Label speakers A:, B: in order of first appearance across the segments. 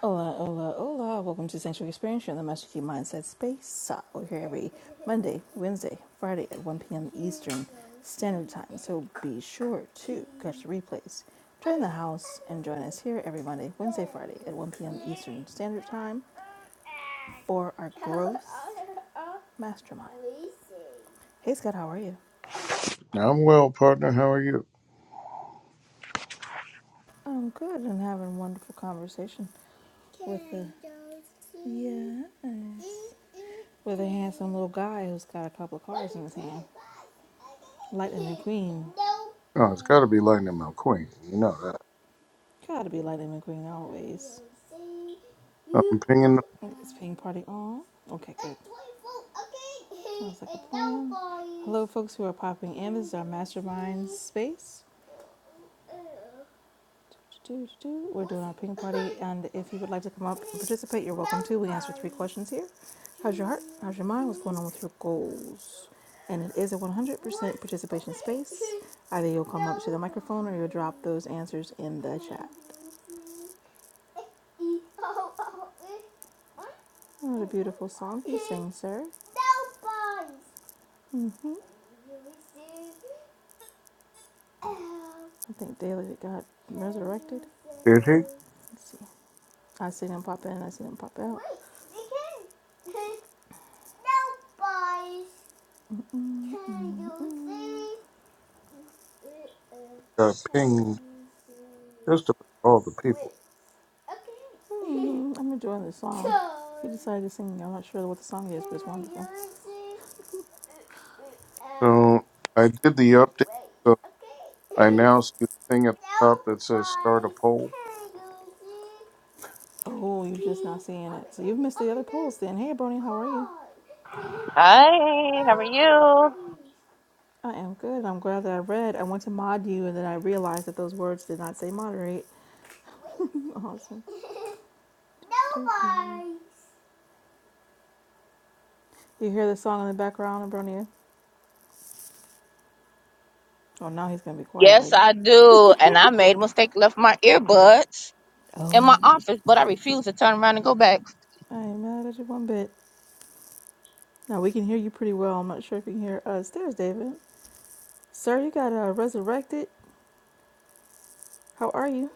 A: Hola, hola, hola. Welcome to Sanctuary Experience, you're in the Master Key Mindset Space. Uh, We're here every Monday, Wednesday, Friday at 1 p.m. Eastern Standard Time. So be sure to catch the replays. Join the house and join us here every Monday, Wednesday, Friday at 1 p.m. Eastern Standard Time for our growth mastermind. Hey, Scott, how are you?
B: I'm well, partner. How are you?
A: I'm good and having a wonderful conversation. With the- Yeah. With a handsome little guy who's got a couple of cars in his hand. Lightning McQueen.
B: Oh, it's got to be Lightning McQueen. You know that.
A: Gotta be Lightning McQueen always.
B: I'm pinging.
A: It's pink party on. Okay, good. Sounds like a plan. Hello, folks who are popping in. This is our mastermind space. We're doing our ping party, and if you would like to come up and participate, you're welcome to. We answer three questions here. How's your heart? How's your mind? What's going on with your goals? And it is a 100% participation space. Either you'll come up to the microphone or you'll drop those answers in the chat. What a beautiful song you sing, sir. Mm-hmm. I think Daily got resurrected.
B: Did he
A: Let's see. I seen him pop in, I seen him pop out. Wait, they can. No, boys. Can you see? Can
B: got pinged
A: you see?
B: just about all the
A: Wait.
B: people?
A: Okay. Hmm, I'm enjoying this song. He decided to sing. I'm not sure what the song is, but it's wonderful. Wait.
B: So I did the update. So I
A: Okay.
B: now see the thing at the
A: No,
B: top that says start a
A: boys.
B: poll.
A: Can you see? Oh, you're just not seeing it. So you've missed the other polls then. Hey, Brony, how are you?
C: Hi, how are you?
A: I am good. I'm glad that I read. I went to mod you and then I realized that those words did not say moderate. awesome. Nobody. You hear the song in the background, Abronia? Oh, now he's going to be quiet
C: Yes,
A: like,
C: I do. And I made a mistake, left my earbuds in my
A: oh,
C: office, but I refuse to turn around and go back.
A: I ain't mad at you one bit. Now we can hear you pretty well. I'm not sure if you can hear us. There's David. Sir, you got uh, resurrected. How are you?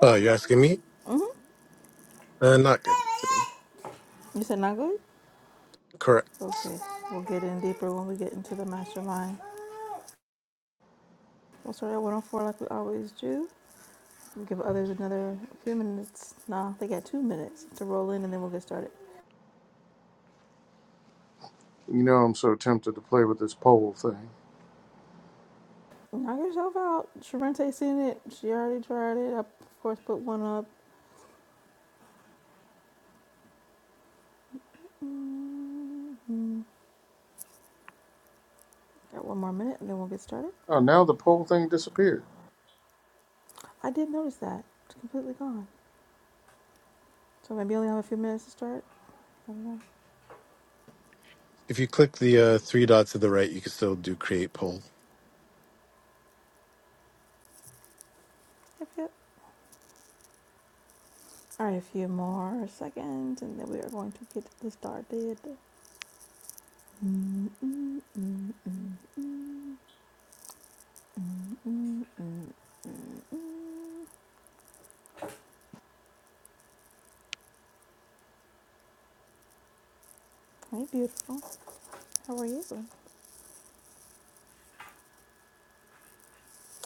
D: Oh, you're asking me?
A: Mm-hmm.
D: Uh, not good.
A: David! You said not good?
D: Correct.
A: Okay, we'll get in deeper when we get into the mastermind. We'll start at 104 like we always do. We'll give others another few minutes. Nah, they got two minutes to roll in and then we'll get started.
B: You know, I'm so tempted to play with this poll thing.
A: Knock yourself out. Sharente seen it. She already tried it. I, of course, put one up. Mhm. Got one more minute and then we'll get started.
B: Oh, now the poll thing disappeared.
A: I did notice that. It's completely gone. So maybe only have a few minutes to start. I don't know.
D: If you click the uh, three dots to the right, you can still do create poll.
A: Yep, yep. All right, a few more seconds and then we are going to get this started. Mm, mm, mm, mm, mm, mm, mm, mm, mm. Hey, beautiful. How are you?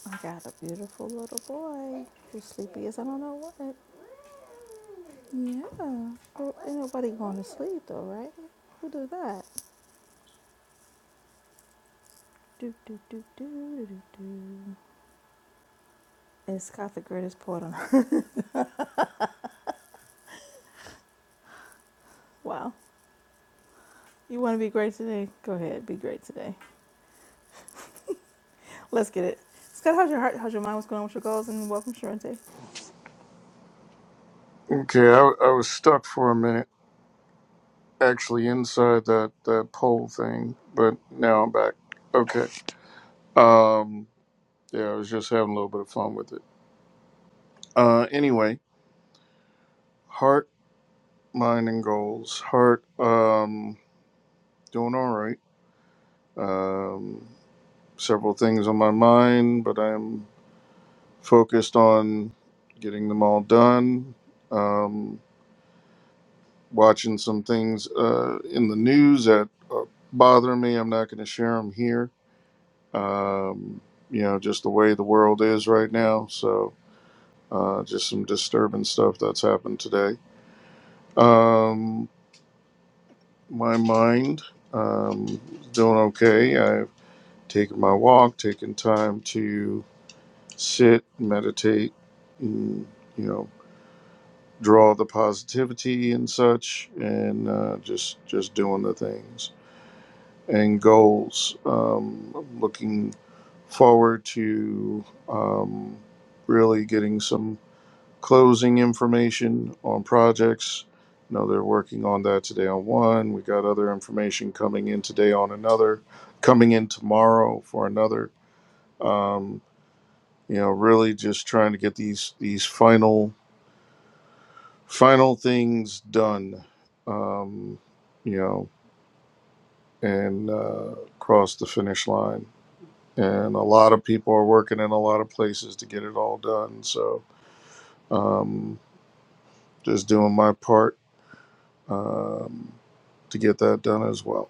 A: I got a beautiful little boy who's sleepy as I don't know what. Yeah. Well, ain't nobody going to sleep though, right? Who do that? Do do do do do do. do. Is Scott the greatest poet on earth? Wow. You want to be great today? Go ahead, be great today. Let's get it. Scott, how's your heart? How's your mind? What's going on with your goals? And welcome, Sharente.
B: Okay, I, I was stuck for a minute, actually inside that that poll thing, but now I'm back. Okay. Um. Yeah, I was just having a little bit of fun with it. Uh. Anyway. Heart, mind, and goals. Heart, um, doing all right. Um, several things on my mind, but I'm focused on getting them all done. Um, watching some things uh, in the news that uh, bother me. I'm not going to share them here. Um, you know, just the way the world is right now. So, uh, just some disturbing stuff that's happened today. Um, my mind, um, doing okay. I. taking my walk, taking time to sit, meditate, and you know, draw the positivity and such, and uh, just just doing the things and goals. Um, looking forward to um, really getting some closing information on projects. You know they're working on that today on one. We got other information coming in today on another, coming in tomorrow for another Um, you know really just trying to get these these final final things done um you know and uh cross the finish line and a lot of people are working in a lot of places to get it all done so um just doing my part um to get that done as well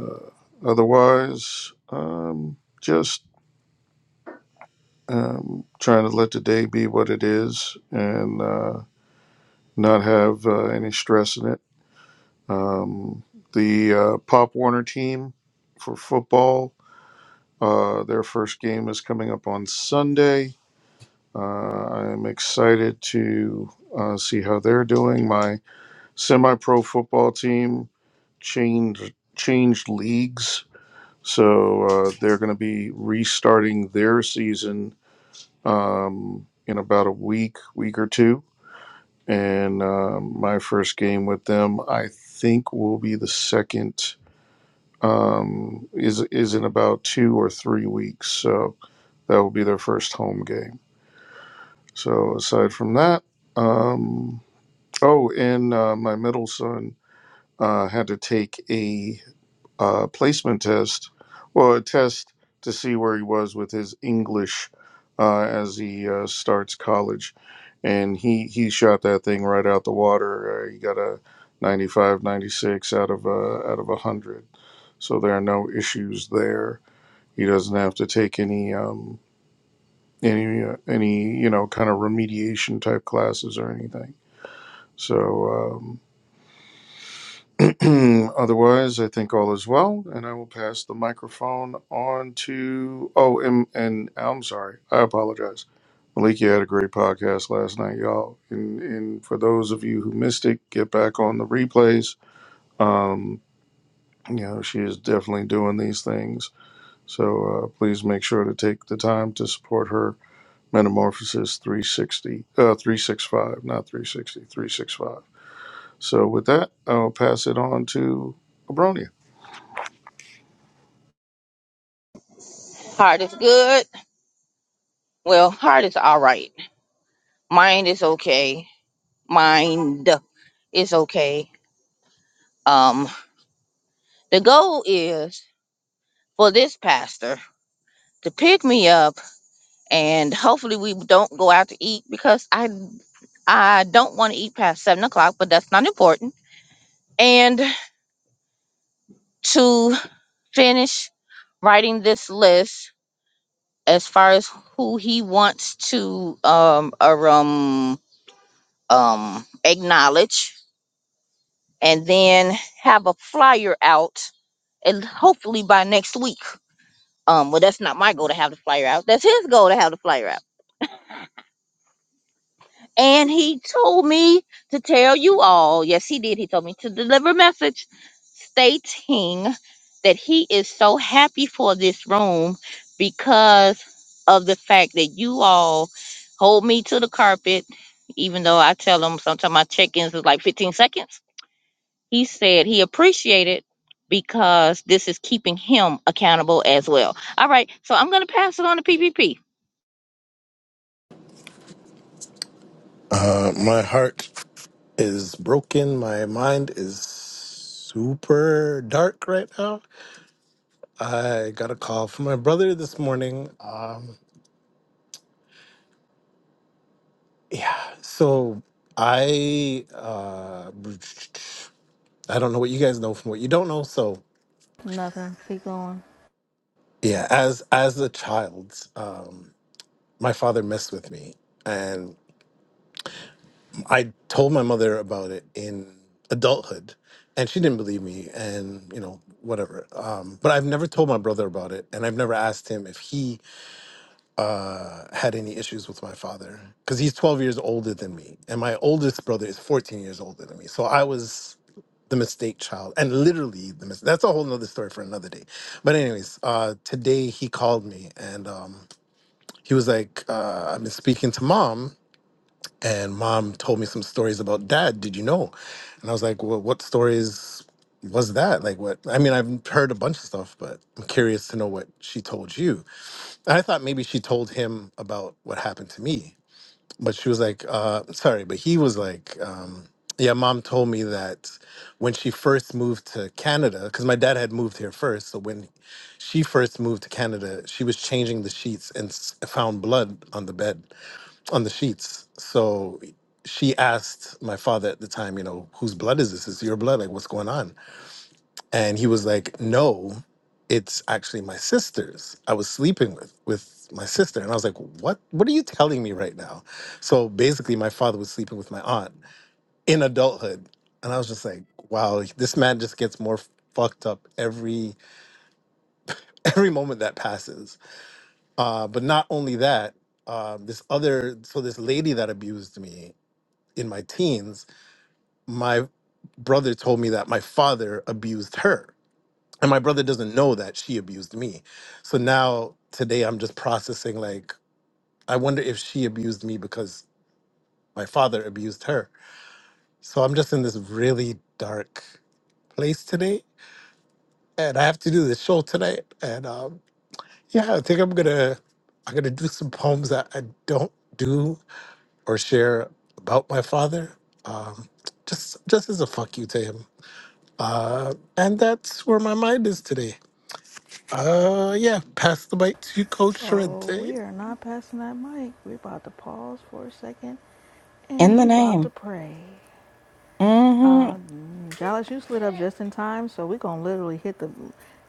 B: uh, otherwise um just um trying to let the day be what it is and uh not have uh, any stress in it Um, the uh, Pop Warner team for football, uh, their first game is coming up on Sunday. Uh, I'm excited to uh, see how they're doing. My semi-pro football team changed changed leagues, so uh, they're going to be restarting their season um, in about a week, week or two. And um my first game with them, I think, will be the second. um, is is in about two or three weeks. So that will be their first home game. So aside from that, um, oh, and uh, my middle son uh, had to take a uh, placement test, well, a test to see where he was with his English uh, as he uh, starts college. And he, he shot that thing right out the water. Uh, he got a 95, 96 out of a, out of 100. So there are no issues there he doesn't have to take any um, any uh, any you know kind of remediation type classes or anything. So um, otherwise, I think all is well, and I will pass the microphone on to. Oh, and, and I'm sorry, I apologize. Malik, you had a great podcast last night, y'all. And, and for those of you who missed it, get back on the replays. Um, you know, she is definitely doing these things. So uh, please make sure to take the time to support her Metamorphosis 360, uh, 365, not 360, 365. So with that, I'll pass it on to Abronia.
C: Heart is good. Well, heart is all right. Mind is okay. Mind is okay. Um, the goal is for this pastor to pick me up and hopefully we don't go out to eat because I I don't want to eat past seven o'clock, but that's not important. And to finish writing this list as far as who he wants to um or um um acknowledge and then have a flyer out and hopefully by next week um well that's not my goal to have the flyer out that's his goal to have the flyer out And he told me to tell you all, yes, he did. He told me to deliver a message stating that he is so happy for this room because of the fact that you all hold me to the carpet, even though I tell him sometimes my check ins is like 15 seconds. He said he appreciated because this is keeping him accountable as well. All right, so I'm going to pass it on to PPP.
D: Uh, my heart is broken. My mind is super dark right now. I got a call from my brother this morning. Um, yeah. So I uh, I don't know what you guys know from what you don't know. So
A: Nothing. Keep going.
D: yeah, as as a child, um, my father messed with me, and. I told my mother about it in adulthood, and she didn't believe me, and you know whatever. Um, but I've never told my brother about it, and I've never asked him if he uh, had any issues with my father because he's 12 years older than me, and my oldest brother is 14 years older than me. So I was the mistake child, and literally the mis- that's a whole nother story for another day. But anyways, uh, today he called me and. Um, he was like, uh, I've been speaking to mom and mom told me some stories about dad. Did you know? And I was like, well, what stories was that? Like, what? I mean, I've heard a bunch of stuff, but I'm curious to know what she told you. And I thought maybe she told him about what happened to me, but she was like, uh, sorry, but he was like, um, yeah, mom told me that when she first moved to Canada, because my dad had moved here first. So when she first moved to Canada, she was changing the sheets and s- found blood on the bed on the sheets. So she asked my father at the time, you know, whose blood is this? Is it your blood? Like, what's going on? And he was like, no, it's actually my sister's. I was sleeping with with my sister, and I was like, what? What are you telling me right now? So basically, my father was sleeping with my aunt in adulthood, and I was just like, wow, this man just gets more fucked up every every moment that passes. Uh, but not only that. Um, this other so this lady that abused me in my teens my brother told me that my father abused her and my brother doesn't know that she abused me so now today i'm just processing like i wonder if she abused me because my father abused her so i'm just in this really dark place today and i have to do this show tonight and um, yeah i think i'm gonna i'm gonna do some poems that i don't do or share about my father um, just just as a fuck you to him Uh, and that's where my mind is today. Uh, yeah, pass the mic to Coach
A: Oh,
D: Sorrente.
A: we are not passing that mic. We're about to pause for a second and
E: In the
A: we about to
E: name.
A: pray.
E: hmm
A: Uh, Dallas, you slid up just in time, so we're going to literally hit the.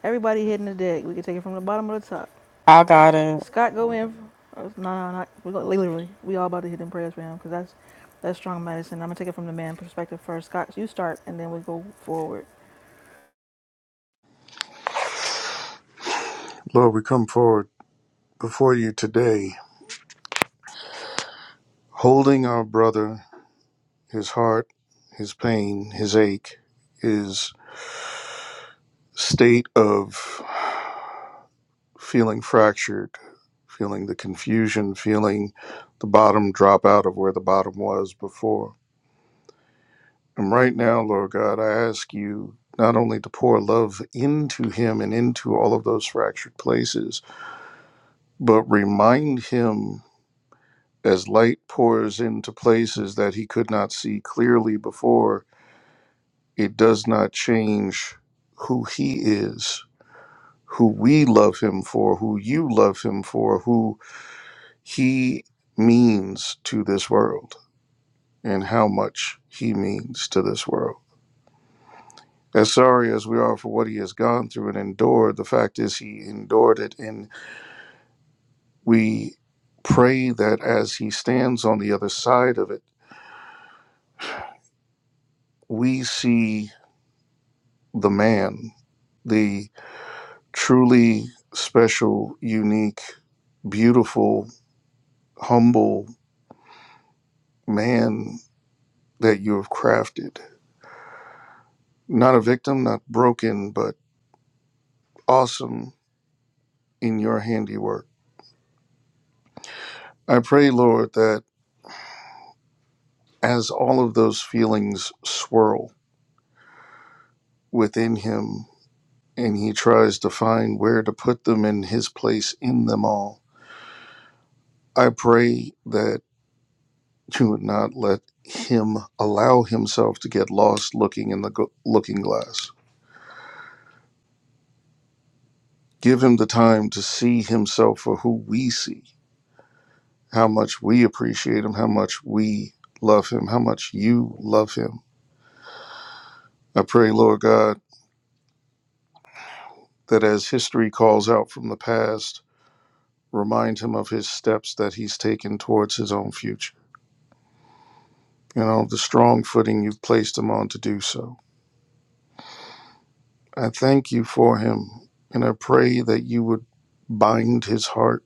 A: Everybody hitting the deck. We can take it from the bottom of the top.
E: I got it.
A: Scott, go in. Oh, No, no, not. We're gonna, literally, we all about to hit them prayers for him because that's, that's strong medicine. I'm going to take it from the man perspective first. Scott, you start and then we go forward.
B: Lord, we come forward before you today, holding our brother, his heart, his pain, his ache, his state of feeling fractured, feeling the confusion, feeling the bottom drop out of where the bottom was before And right now, Lord God, I ask you not only to pour love into him and into all of those fractured places, but remind him as light pours into places that he could not see clearly before, it does not change who he is, who we love him for, who you love him for, who he means to this world, and how much he means to this world. As sorry as we are for what he has gone through and endured, the fact is he endured it. And we pray that as he stands on the other side of it, we see the man, the truly special, unique, beautiful, humble man that you have crafted. Not a victim, not broken, but awesome in your handiwork. I pray, Lord, that as all of those feelings swirl within him, and he tries to find where to put them in his place in them all. I pray that you would not let him allow himself to get lost looking in the go- looking glass. Give him the time to see himself for who we see, how much we appreciate him, how much we love him, how much you love him. I pray, Lord God, that as history calls out from the past, remind him of his steps that he's taken towards his own future. you know, the strong footing you've placed him on to do so. I thank you for him, and I pray that you would bind his heart,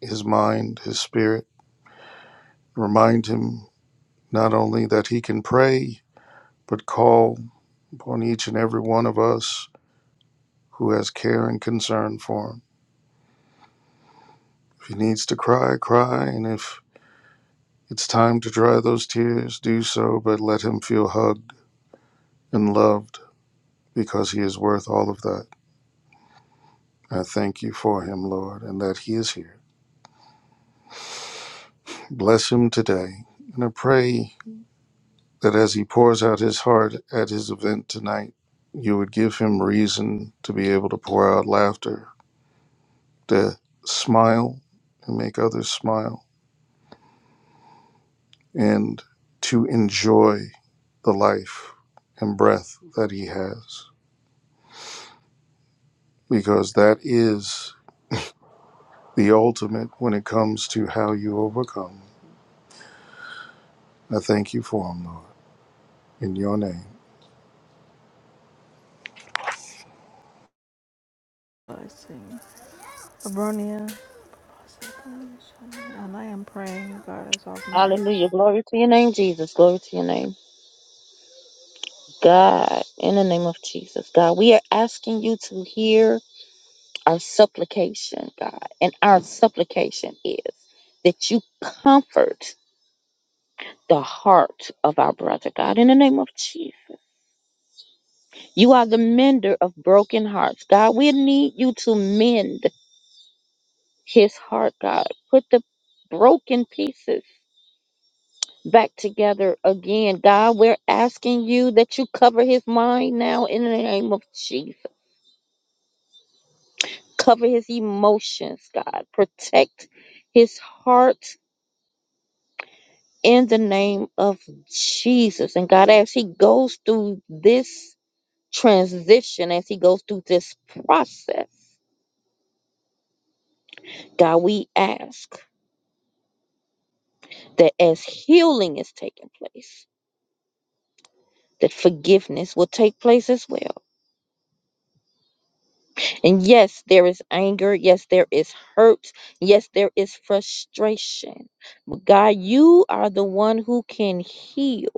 B: his mind, his spirit, remind him not only that he can pray, but call upon each and every one of us who has care and concern for him. If he needs to cry, cry, and if it's time to dry those tears, do so, but let him feel hugged and loved because he is worth all of that. I thank you for him, Lord, and that he is here. Bless him today. And I pray that as he pours out his heart at his event tonight, you would give him reason to be able to pour out laughter, to smile and make others smile, and to enjoy the life and breath that he has, because that is the ultimate when it comes to how you overcome. I thank you for him, Lord, in your name.
A: Let's see. Abronia. And I am praying, God, is off my
C: Hallelujah. Glory to your name, Jesus. Glory to your name. God, in the name of Jesus, God, we are asking you to hear our supplication, God. And our supplication is that you comfort the heart of our brother, God, in the name of Jesus. You are the mender of broken hearts, God. We need you to mend his heart, God. Put the broken pieces back together again, God. We're asking you that you cover his mind now in the name of Jesus. Cover his emotions, God. Protect his heart in the name of Jesus. And God, as he goes through this transition, as he goes through this process, God, we ask that as healing is taking place, that forgiveness will take place as well. And yes, there is anger. Yes, there is hurt. Yes, there is frustration. But God, you are the one who can heal.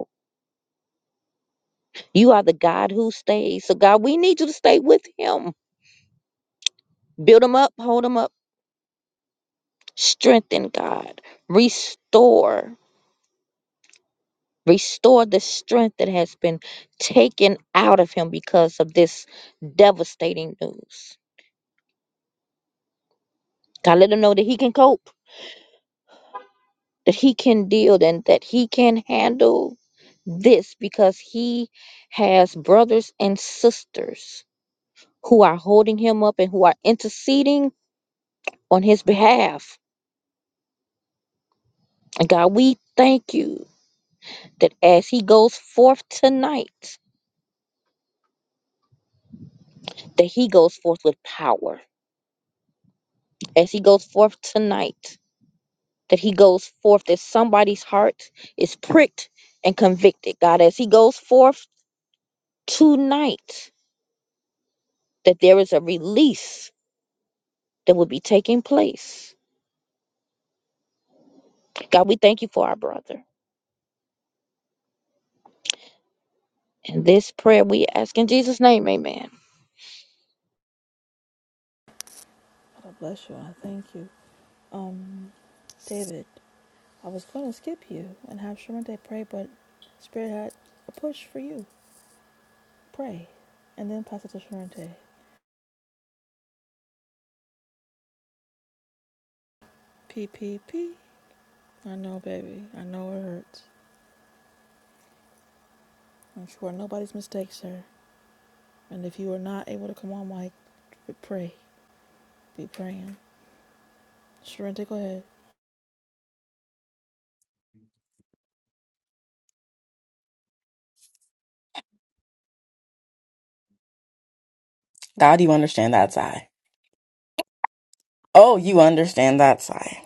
C: You are the God who stays. So, God, we need you to stay with him. Build him up, hold him up, strengthen, God. Restore, restore the strength that has been taken out of him because of this devastating news. God, let him know that he can cope, that he can deal, and that he can handle this because he has brothers and sisters who are holding him up and who are interceding on his behalf. And God, we thank you that as he goes forth tonight, that he goes forth with power. As he goes forth tonight, that he goes forth, that somebody's heart is pricked and convicted. God, as he goes forth tonight, that there is a release that will be taking place. God, we thank you for our brother. And this prayer we ask in Jesus' name, amen.
A: Bless you. I thank you. Um, David, I was going to skip you and have Sharente pray, but Spirit had a push for you. Pray. And then pass it to Sharente. P P P. I know, baby. I know it hurts. I'm sure nobody's mistake, sir. And if you are not able to come on, Mike, pray. Be praying. Sharente, go ahead.
E: God, you understand that sigh. Oh, you understand that sigh.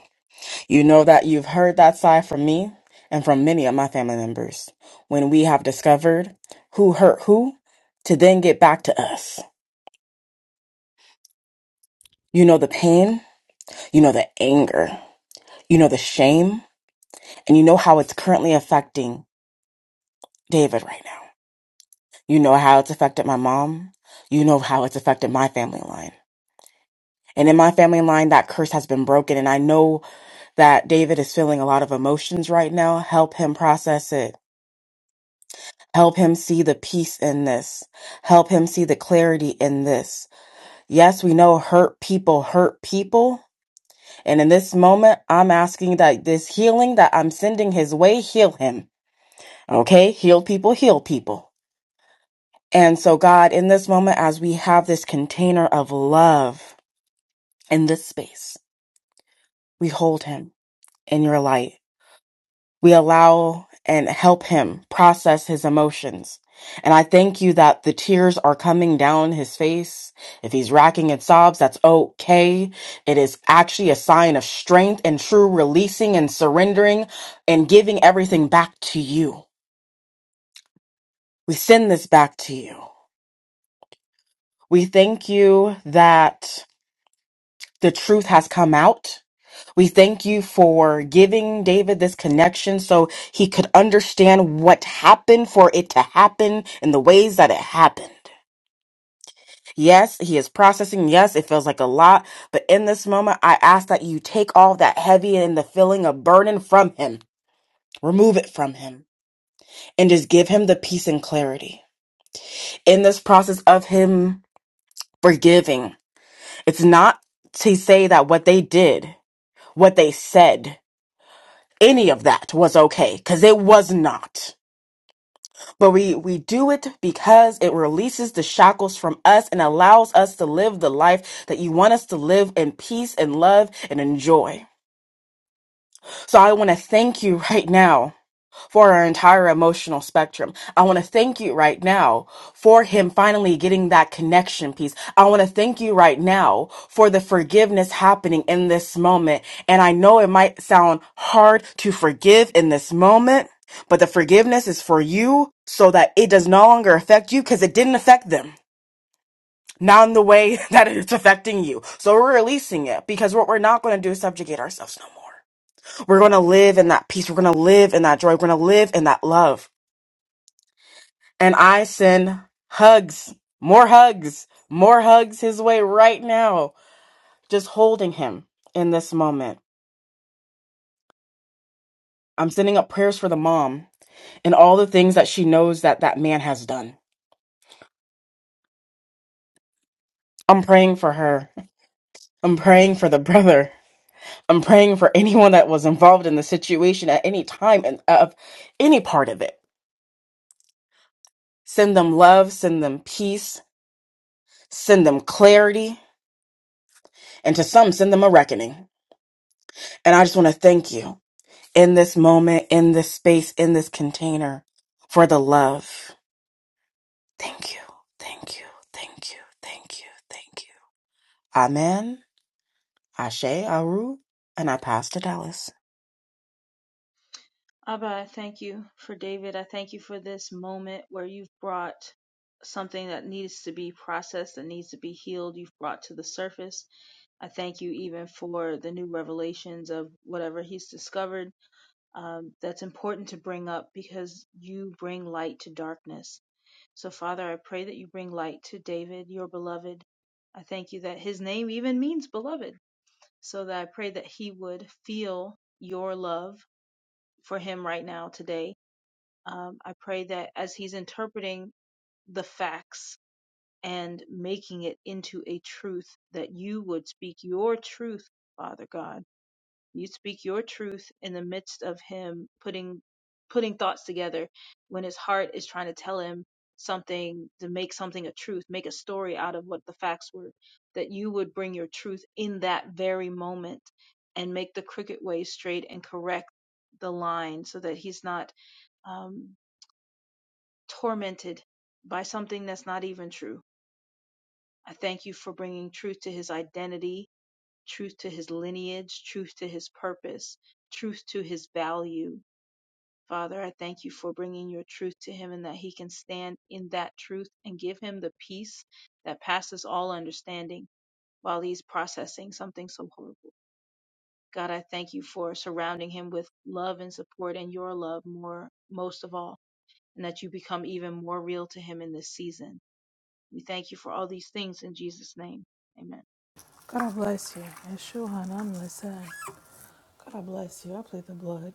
E: You know that you've heard that sigh from me and from many of my family members when we have discovered who hurt who to then get back to us. You know the pain, you know the anger, you know the shame, and you know how it's currently affecting David right now. You know how it's affected my mom. You know how it's affected my family line. And in my family line, that curse has been broken. And I know that David is feeling a lot of emotions right now. Help him process it. Help him see the peace in this. Help him see the clarity in this. Yes, we know hurt people hurt people. And in this moment, I'm asking that this healing that I'm sending his way, heal him. Okay? Heal people, heal people. And so, God, in this moment, as we have this container of love in this space, we hold him in your light. we allow and help him process his emotions. And I thank you that the tears are coming down his face. If he's racking in sobs, that's okay. It is actually a sign of strength and true releasing and surrendering and giving everything back to you. We send this back to you. We thank you that the truth has come out We thank you for giving David this connection so he could understand what happened for it to happen in the ways that it happened. Yes, he is processing. Yes, it feels like a lot. But in this moment, I ask that you take all that heavy and the feeling of burden from him, remove it from him, and just give him the peace and clarity. In this process of him forgiving, it's not to say that what they did, what they said, any of that was okay, because it was not. But we, we do it because it releases the shackles from us and allows us to live the life that you want us to live in peace and love and enjoy. So I want to thank you right now for our entire emotional spectrum. I want to thank you right now for him finally getting that connection piece. I want to thank you right now for the forgiveness happening in this moment. And I know it might sound hard to forgive in this moment, but the forgiveness is for you so that it does no longer affect you because it didn't affect them. Not in the way that it's affecting you. So we're releasing it because what we're not going to do is subjugate ourselves no more. We're going to live in that peace. We're going to live in that joy. We're going to live in that love. And I send hugs, more hugs, more hugs his way right now, just holding him in this moment. I'm sending up prayers for the mom and all the things that she knows that that man has done. I'm praying for her. I'm praying for the brother. I'm praying for anyone that was involved in the situation at any time and of any part of it. Send them love, send them peace, send them clarity, and to some, send them a reckoning. And I just want to thank you. in this moment, in this space, in this container for the love. Thank you. Thank you. Thank you. Thank you. Thank you. Amen. Ashe Aru. And I pass to Dallas.
F: Abba, I thank you for David. I thank you for this moment where you've brought something that needs to be processed, that needs to be healed, you've brought to the surface. I thank you even for the new revelations of whatever he's discovered. Um, that's important to bring up because you bring light to darkness. So, Father, I pray that you bring light to David, your beloved. I thank you that his name even means beloved. So that I pray that he would feel your love for him right now today um, I pray that as he's interpreting the facts and making it into a truth, that you would speak your truth, Father God. You speak your truth in the midst of him putting putting thoughts together when his heart is trying to tell him something to make something a truth, make a story out of what the facts were, that you would bring your truth in that very moment and make the crooked way straight and correct the line so that he's not um, tormented by something that's not even true. I thank you for bringing truth to his identity, truth to his lineage, truth to his purpose, truth to his value. Father, I thank you for bringing your truth to him and that he can stand in that truth and give him the peace that passes all understanding while he's processing something so horrible. God, I thank you for surrounding him with love and support and your love more, most of all, and that you become even more real to him in this season We thank you for all these things in Jesus' name. Amen.
A: God I bless you. Yeshua, I'm listening. God I bless you. I plead the blood.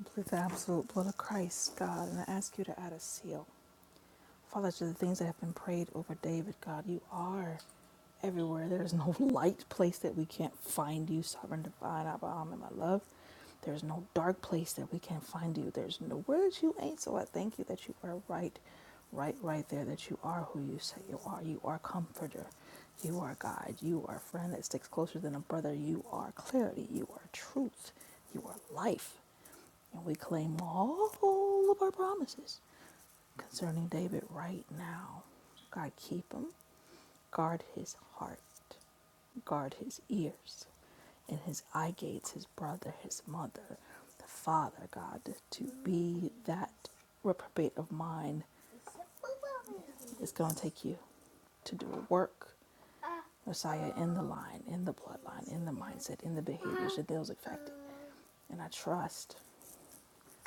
A: I plead the absolute blood of Christ, God, and I ask you to add a seal. Father, to the things that have been prayed over David, God, you are everywhere. There is no light place that we can't find you, sovereign divine, Abba, and my love. There's no dark place that we can't find you. There's nowhere that you ain't. So I thank you that you are right, right, right there, that you are who you say you are. You are comforter. You are God. You are friend that sticks closer than a brother. You are clarity. You are truth. You are life. And we claim all of our promises concerning David right now. God, keep him, guard his heart, guard his ears, and his eye gates, his brother, his mother, the father, God, to be that reprobate of mine. It's going to take you to do a work, Messiah, in the line, in the bloodline, in the mindset, in the behaviors that those affected. And I trust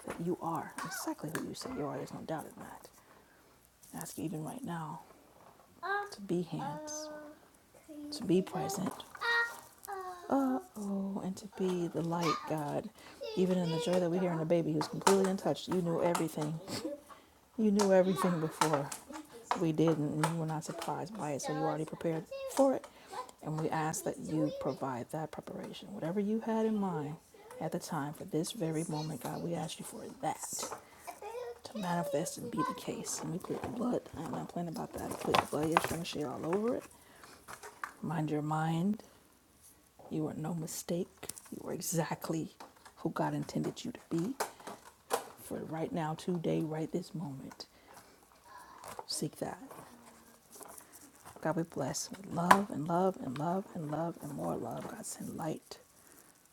A: that you are exactly who you say you are. There's no doubt in that. Ask even right now to be hands, to be present. Uh oh, and to be the light, God. Even in the joy that we hear in a baby who's completely untouched, you knew everything. You knew everything before we didn't, and you were not surprised by it, so you already prepared for it. And we ask that you provide that preparation. Whatever you had in mind at the time for this very moment, God, we ask you for that to manifest and be the case. And we plead the blood. I'm not playing about that. I plead the blood. Yes, going to share all over it. Mind your mind. You are no mistake. You are exactly who God intended you to be for right now, today, right this moment. Seek that. God, we bless with love and love and love and love and more love. God, send light,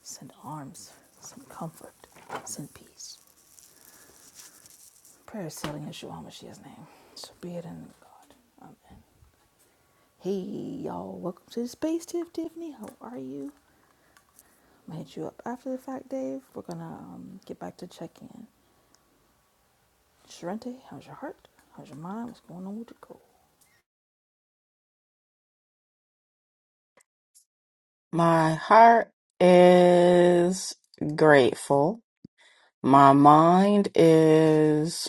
A: send arms, send comfort, send peace. Prayer is sealing in Yeshua Mashiach's name. So be it in God. Amen. Hey, y'all. Welcome to the space, Tiff Tiffany. How are you? I'm going to hit you up after the fact, Dave. We're going to um, get back to check in. Sharente, how's your heart? How's your mind? What's going on with your goal?
E: My heart is grateful. My mind is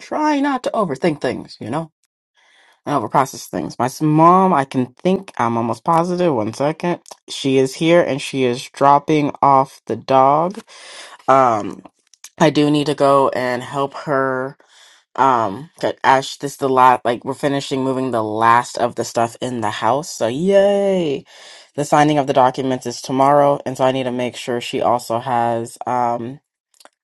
E: trying not to overthink things, you know, and overprocess things. My s- mom, I can think, I'm almost positive. One second. She is here and she is dropping off the dog Um, I do need to go and help her. Um, 'cause Ash, this is the lot. Like we're finishing moving the last of the stuff in the house. So yay! The signing of the documents is tomorrow, and so I need to make sure she also has. Um,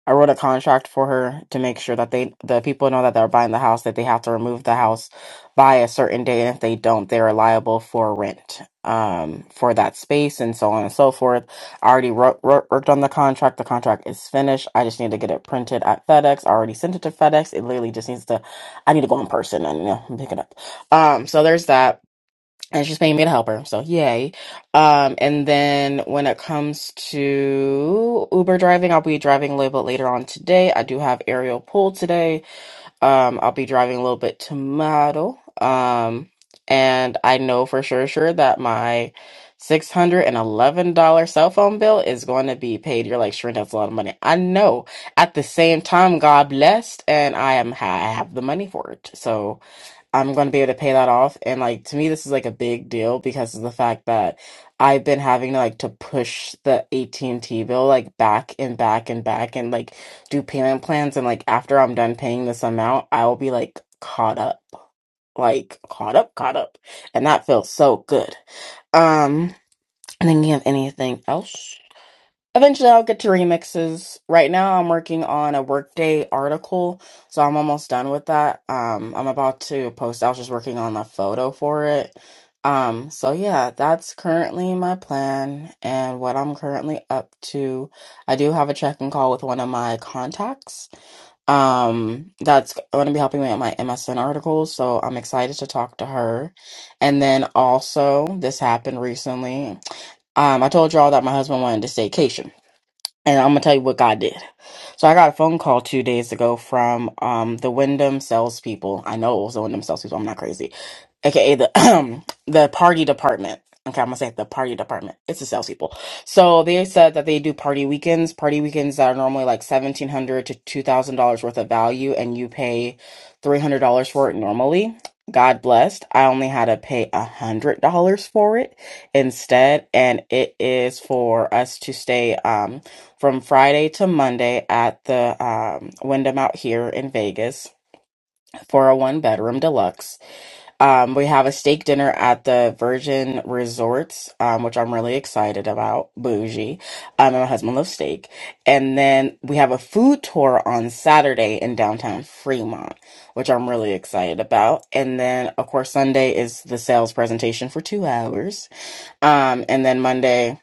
E: I wrote a contract for her to make sure that they the people know that they're buying the house that they have to remove the house by a certain date, and if they don't, they are liable for rent um for that space and so on and so forth. I already wrote, wrote, worked on the contract. The contract is finished. I just need to get it printed at FedEx. I already sent it to FedEx. It literally just needs to. I need to go in person and you know pick it up. Um, so there's that and she's paying me to help her so yay um and then when it comes to uber driving i'll be driving a little bit later on today i do have aerial pull today um i'll be driving a little bit tomorrow um and i know for sure sure that my $611 cell phone bill is going to be paid you're like sure that's a lot of money i know at the same time god blessed and i am i have the money for it so I'm going to be able to pay that off. And like to me, this is like a big deal because of the fact that I've been having to like to push the AT&T bill like back and back and back and like do payment plans. And like after I'm done paying this amount, I will be like caught up, like caught up, caught up. And that feels so good. Um, thinking of anything else? Eventually, I'll get to remixes. Right now, I'm working on a Workday article, so I'm almost done with that. Um, I'm about to post. I was just working on the photo for it. Um, so yeah, that's currently my plan and what I'm currently up to. I do have a check-in call with one of my contacts. Um, that's going to be helping me with my MSN articles, so I'm excited to talk to her. And then also, this happened recently. Um, I told y'all that my husband wanted to staycation. And I'm gonna tell you what God did. So I got a phone call two days ago from um the Wyndham salespeople. I know it was the Wyndham salespeople. I'm not crazy, aka the the party department. Okay, I'm gonna say the party department. It's the salespeople. So they said that they do party weekends. Party weekends that are normally like seventeen hundred to two thousand dollars worth of value, and you pay three hundred dollars for it normally. God blessed. I only had to pay a hundred dollars for it instead, and it is for us to stay. Um, from Friday to Monday at the um, Wyndham out here in Vegas for a one bedroom deluxe. Um, we have a steak dinner at the Virgin Resorts, um, which I'm really excited about. Bougie. Um, and my husband loves steak. And then we have a food tour on Saturday in downtown Fremont, which I'm really excited about. And then, of course, Sunday is the sales presentation for two hours. Um, and then Monday,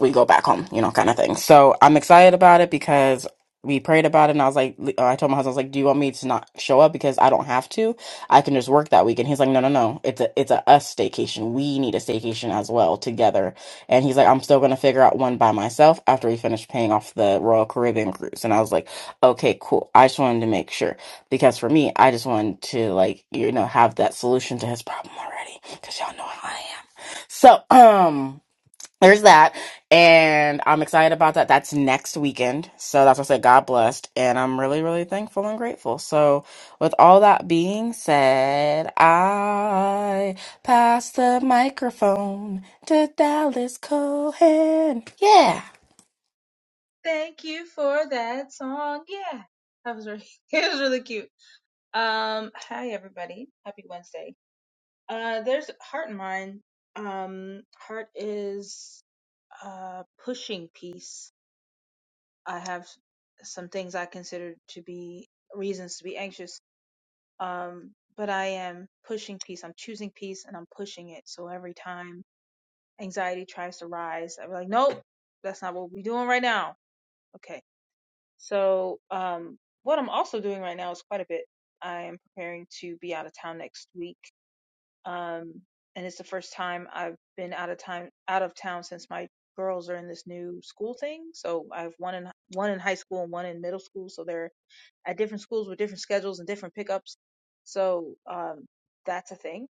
E: we go back home, you know, kind of thing. So I'm excited about it because we prayed about it, and I was like, uh, I told my husband, I was like, do you want me to not show up because I don't have to? I can just work that week. And he's like, no, no, no, it's a it's a us staycation. We need a staycation as well together. And he's like, I'm still gonna figure out one by myself after we finish paying off the Royal Caribbean cruise. And I was like, okay, cool. I just wanted to make sure because for me, I just wanted to like you know have that solution to his problem already because y'all know how I am. So um there's that and i'm excited about that that's next weekend so that's what i said god blessed and i'm really really thankful and grateful so with all that being said i pass the microphone to dallas cohen yeah
F: Thank you for that song. Yeah, that was really, it was really cute. Um, hi everybody, happy Wednesday. Uh, there's Heart and Mind. Um, Heart is uh pushing peace. I have some things I consider to be reasons to be anxious. Um, but I am pushing peace. I'm choosing peace and I'm pushing it. So every time anxiety tries to rise, I'm like, nope, that's not what we're doing right now Okay. So, um, what I'm also doing right now is quite a bit. I am preparing to be out of town next week. Um, and it's the first time I've been out of time out of town since my girls are in this new school thing. So I have one in one in high school and one in middle school. So they're at different schools with different schedules and different pickups. So um, that's a thing.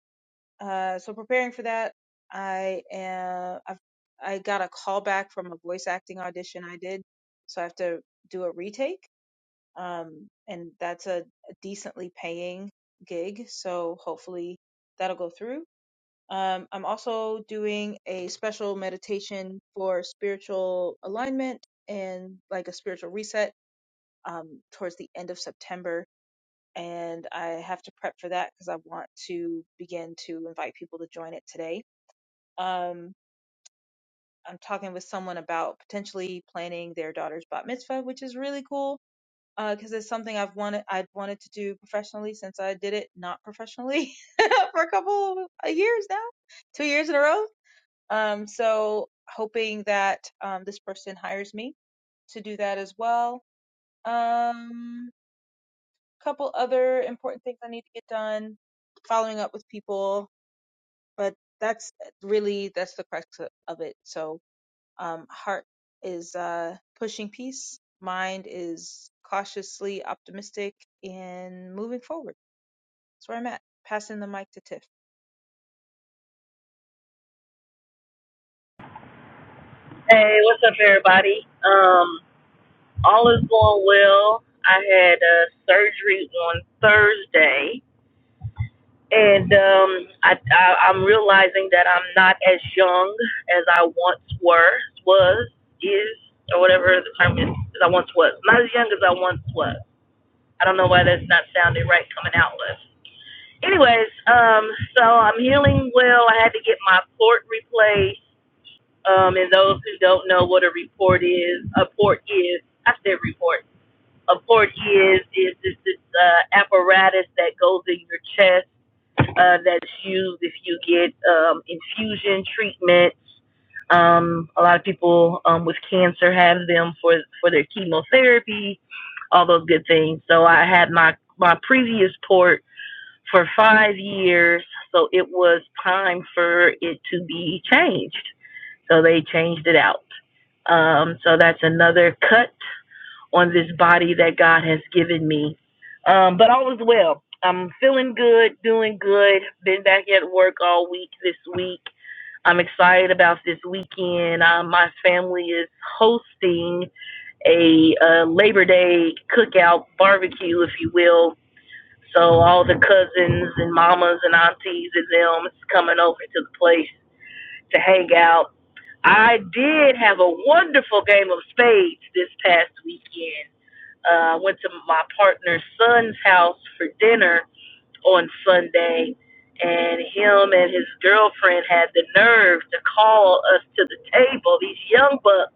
F: Uh, so preparing for that, I am. I've, I got a call back from a voice acting audition I did. So I have to do a retake um, and that's a, a decently paying gig. So hopefully that'll go through. Um, I'm also doing a special meditation for spiritual alignment and like a spiritual reset um, towards the end of September. And I have to prep for that because I want to begin to invite people to join it today. Um, I'm talking with someone about potentially planning their daughter's bat mitzvah, which is really cool because uh, it's something I've wanted I'd wanted to do professionally since I did it not professionally for a couple of years now, two years in a row. Um, so hoping that um, this person hires me to do that as well. Um, couple other important things I need to get done, following up with people, but that's really that's the crux of it. So um, heart is uh, pushing peace. Mind is cautiously optimistic and moving forward. That's where I'm at. Passing the mic to Tiff.
G: Hey, what's up, everybody? Um, all is going well. I had uh, surgery on Thursday, and um, I, I, I'm realizing that I'm not as young as I once were, was, is, or whatever the term is, as I once was. Not as young as I once was. I don't know why that's not sounding right coming out with. Anyways, um, so I'm healing well. I had to get my port replaced Um, and those who don't know what a report is, a port is, I said report. A port is is this, this uh, apparatus that goes in your chest uh, that's used if you get um, infusion treatments. Um, a lot of people um, with cancer have them for for their chemotherapy, all those good things. So I had my my previous port for five years, so it was time for it to be changed. So they changed it out. Um, so that's another cut on this body that God has given me. Um, but all is well. I'm feeling good, doing good. Been back at work all week this week. I'm excited about this weekend. Uh, my family is hosting a uh, Labor Day cookout barbecue, if you will. So all the cousins and mamas and aunties and them is coming over to the place to hang out. I did have a wonderful game of spades this past weekend. Uh, I uh, went to my partner's son's house for dinner on Sunday, and him and his girlfriend had the nerve to call us to the table. These young bucks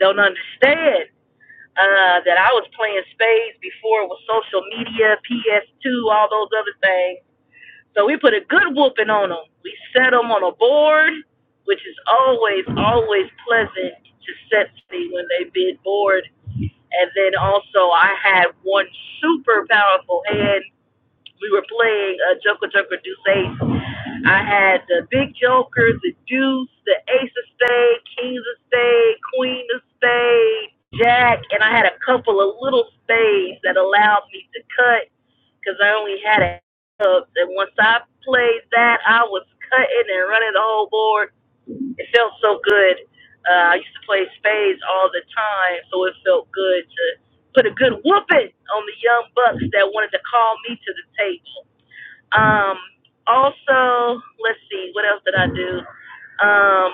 G: don't understand uh, that I was playing spades before it was social media, PS2, all those other things so we put a good whooping on them. We set them on a board, which is always, always pleasant to set see when they bid board. And then also, I had one super powerful hand. We were playing a Joker Joker Deuce Ace, I had the big jokers, the deuce, the ace of spade, kings of spade, queen of spade, jack, and I had a couple of little spades that allowed me to cut because I only had a club. And once I played that, I was cutting and running the whole board. It felt so good. Uh, I used to play spades all the time, so it felt good to put a good whooping on the young bucks that wanted to call me to the table. Um, also, let's see, what else did I do? Um,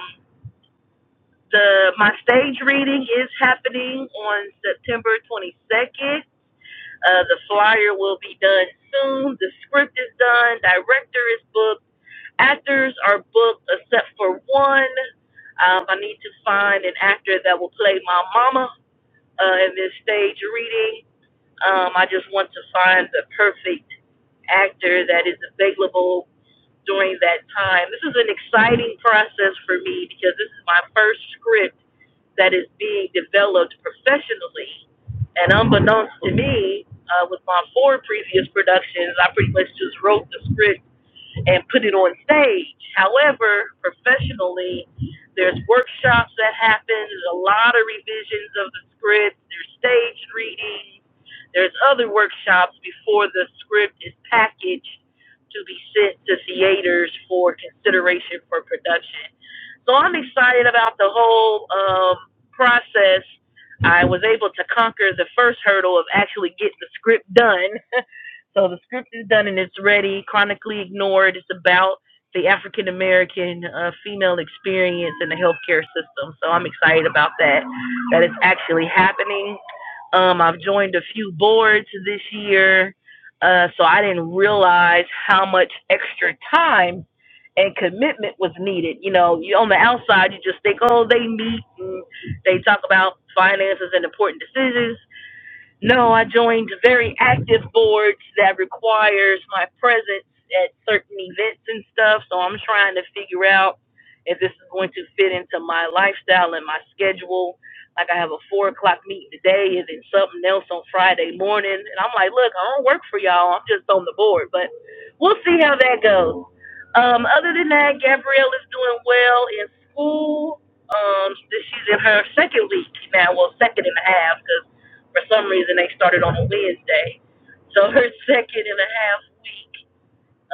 G: the my stage reading is happening on September 22nd. Uh, the flyer will be done soon. The script is done. Director is booked. Actors are booked except for one. Um, I need to find an actor that will play my mama uh, in this stage reading. Um, I just want to find the perfect actor that is available during that time. This is an exciting process for me because this is my first script that is being developed professionally. And unbeknownst to me, uh, with my four previous productions, I pretty much just wrote the script and put it on stage. However, professionally, there's workshops that happen. There's a lot of revisions of the script. There's stage readings. There's other workshops before the script is packaged to be sent to theaters for consideration for production. So I'm excited about the whole um, process. I was able to conquer the first hurdle of actually getting the script done. so the script is done and it's ready. Chronically ignored. It's about the African American uh, female experience in the healthcare system. So I'm excited about that. That it's actually happening. Um, I've joined a few boards this year. Uh, so I didn't realize how much extra time and commitment was needed. You know, you on the outside, you just think, oh, they meet and they talk about finances and important decisions. No, I joined very active boards that requires my presence at certain events and stuff. So I'm trying to figure out if this is going to fit into my lifestyle and my schedule. Like I have a four o'clock meeting today and then something else on Friday morning. And I'm like, look, I don't work for y'all. I'm just on the board. But we'll see how that goes. Um, other than that, Gabrielle is doing well in school. Um, she's in her second week now, well, second and a half, 'cause for some reason, they started on a Wednesday. So her second and a half week,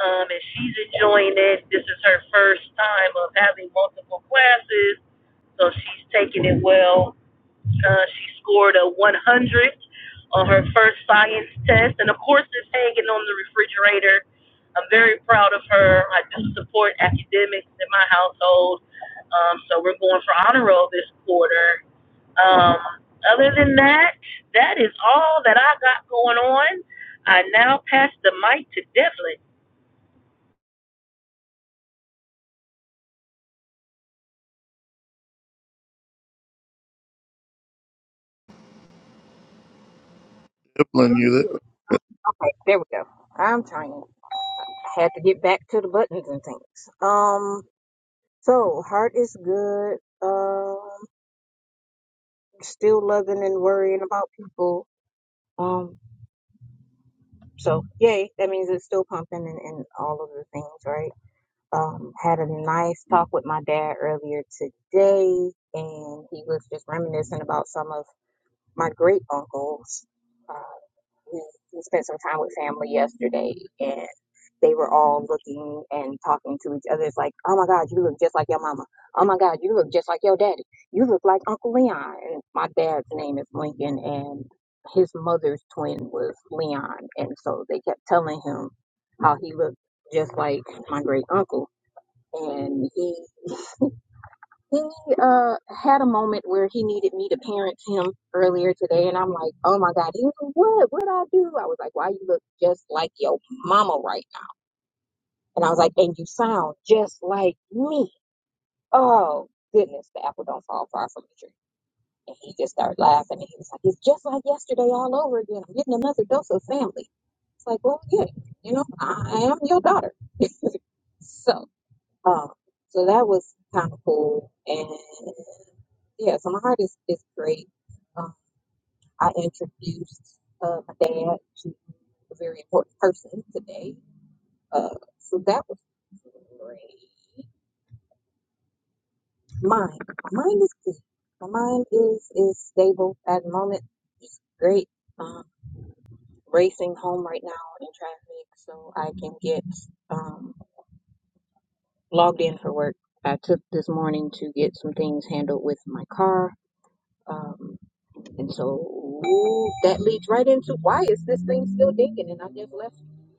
G: um, and she's enjoying it. This is her first time of having multiple classes, so she's taking it well. Uh, she scored a 100 on her first science test, and of course, it's hanging on the refrigerator. I'm very proud of her. I do support academics in my household, um, so we're going for honor roll this quarter. Um, other than that, that is all that I got going on. I now pass the mic to Devlin.
B: Evelyn,
H: Mhm.
B: you there?
H: Okay, there we go. I'm trying. I had to get back to the buttons and things. Um, so heart is good. Um, still loving and worrying about people. Um, so yay, that means it's still pumping and, and all of the things, right? Um, had a nice talk with my dad earlier today, and he was just reminiscing about some of my great uncles. uh, we, we spent some time with family yesterday and they were all looking and talking to each other. It's like, oh my God, you look just like your mama. Oh my God, you look just like your daddy. You look like Uncle Leon. And my dad's name is Lincoln and his mother's twin was Leon. And so they kept telling him how he looked just like my great uncle. And he he uh had a moment where he needed me to parent him earlier today, and I'm like, oh my God. He was like, what? What I do? I was like, why you look just like your mama right now? And I was like, and you sound just like me. Oh goodness, the apple don't fall far from the tree. And he just started laughing, and he was like, it's just like yesterday all over again. I'm getting another dose of family. It's like, well, yeah, you know, I am your daughter. So, um, so that was kind of cool. And Yeah, so my heart is, is great. Um, I introduced uh, my dad to a very important person today. Uh, so that was great. Mind. My mind is good. My mind is, is stable at the moment. It's great. Um, racing home right now in traffic so I can get um, logged in for work. I took this morning to get some things handled with my car. Um, And so that leads right into why is this thing still dinging? And I just left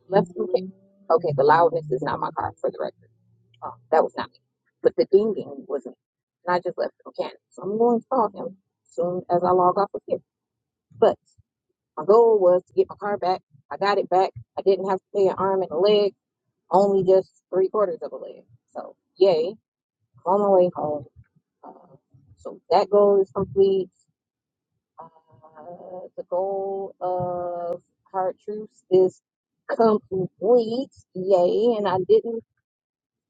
H: left some ca- Okay, the loudness is not my car for the record. Um, that was not me. But the dinging was me. And I just left the mechanic. So I'm going to call him as soon as I log off of here. But my goal was to get my car back. I got it back. I didn't have to pay an arm and a leg, only just three quarters of a leg. So yay, I'm on my way home. Uh, so that goal is complete. Uh, the goal of Hard Truths is complete. Yay. And I didn't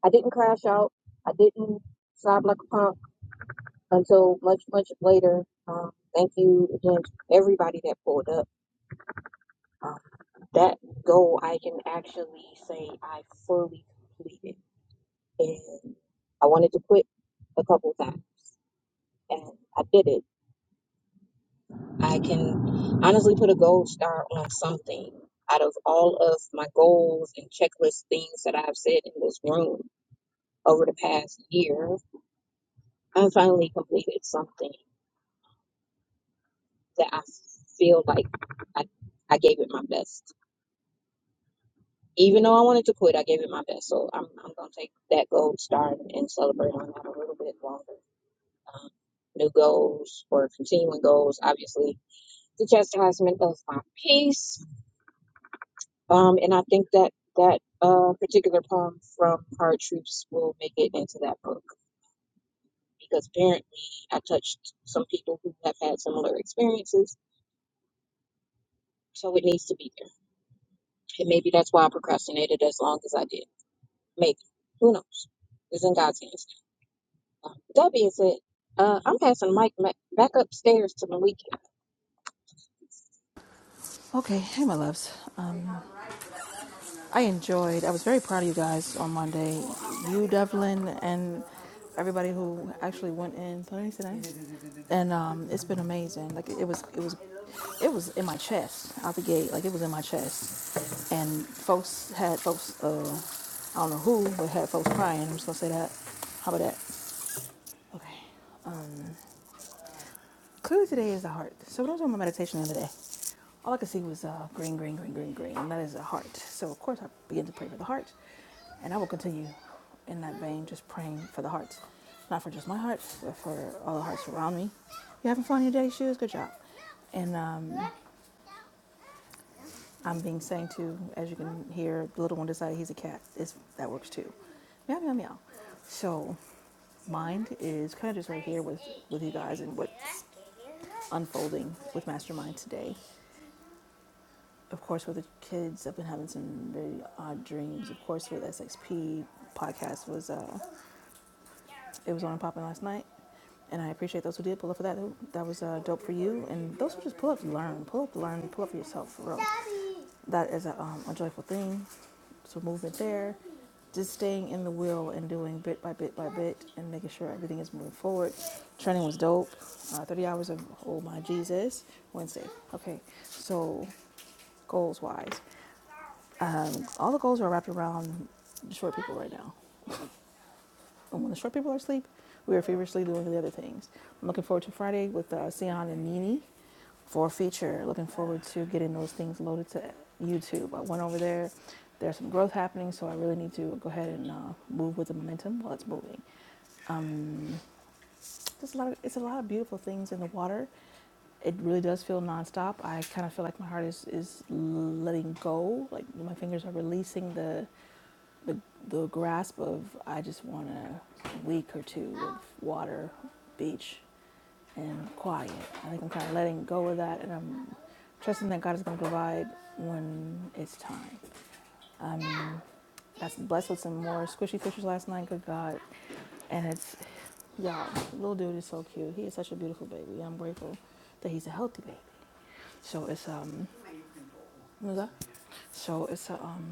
H: I didn't crash out. I didn't sob like a punk until much, much later. Um, thank you again to everybody that pulled up. Um, that goal I can actually say I fully completed. And I wanted to quit a couple times and I did it I can honestly put a gold star on something out of all of my goals and checklist things that I've said in this room over the past year. I finally completed something that I feel like I, I gave it my best. Even though I wanted to quit, I gave it my best. So I'm, I'm going to take that gold star and celebrate on that a little bit longer. Um, new goals or continuing goals, obviously, the chastisement of my peace Um, and I think that that uh, particular poem from Hard Truths will make it into that book because apparently I touched some people who have had similar experiences, so it needs to be there. And maybe that's why I procrastinated as long as I did. Maybe. Who knows? It's in God's hands. Um, with that being said, uh, I'm passing Mike ma- back upstairs to Malik.
A: Okay, hey, my loves. Um, I enjoyed. I was very proud of you guys on Monday. You, Devlin, and everybody who actually went in today. today. And um, it's been amazing. Like it was, it was, it was in my chest out the gate. Like it was in my chest. And folks had folks. Uh, I don't know who, but had folks crying. I'm just gonna say that. How about that? Okay. Um, Clearly, today is the heart. So, when I was doing my meditation the other day, all I could see was uh, green, green, green, green, green, and that is the heart. So, of course, I began to pray for the heart, and I will continue in that vein, just praying for the hearts, not for just my heart, but for all the hearts around me. You having fun in your day, shoes? Good job. And um, I'm being sang to, as you can hear, the little one decided he's a cat. It's, that works too. Meow, meow, meow. So, mind is kind of just right here with, with you guys and what's unfolding with Mastermind today. Of course, with the kids, I've been having some very odd dreams. Of course, with SXP podcast was uh, it was on and popping last night, and I appreciate those who did pull up for that. That was uh, dope for you, and those who just pull up to learn, pull up to learn, pull up for yourself, for real. That is a, um, a joyful thing. So movement there, just staying in the wheel and doing bit by bit by bit, and making sure everything is moving forward. Training was dope. Uh, Thirty hours of oh my Jesus Wednesday. Okay, so goals wise, um, all the goals are wrapped around short people right now. And when the short people are asleep, we are feverishly doing the other things. I'm looking forward to Friday with uh, Sion and Nini for a feature. Looking forward to getting those things loaded to YouTube. I went over there. There's some growth happening, so I really need to go ahead and uh, move with the momentum while it's moving. There's a lot. Of, it's a lot of beautiful things in the water. It really does feel nonstop. I kind of feel like my heart is is letting go. Like my fingers are releasing the but the grasp of I just want a week or two of water, beach, and quiet. I think I'm kind of letting go of that, and I'm trusting that God is going to provide when it's time. Um, got some blessed with some more squishy fishes last night. Good God, and it's y'all. Little dude is so cute. He is such a beautiful baby. I'm grateful that he's a healthy baby. So it's um, what was that? So it's a um.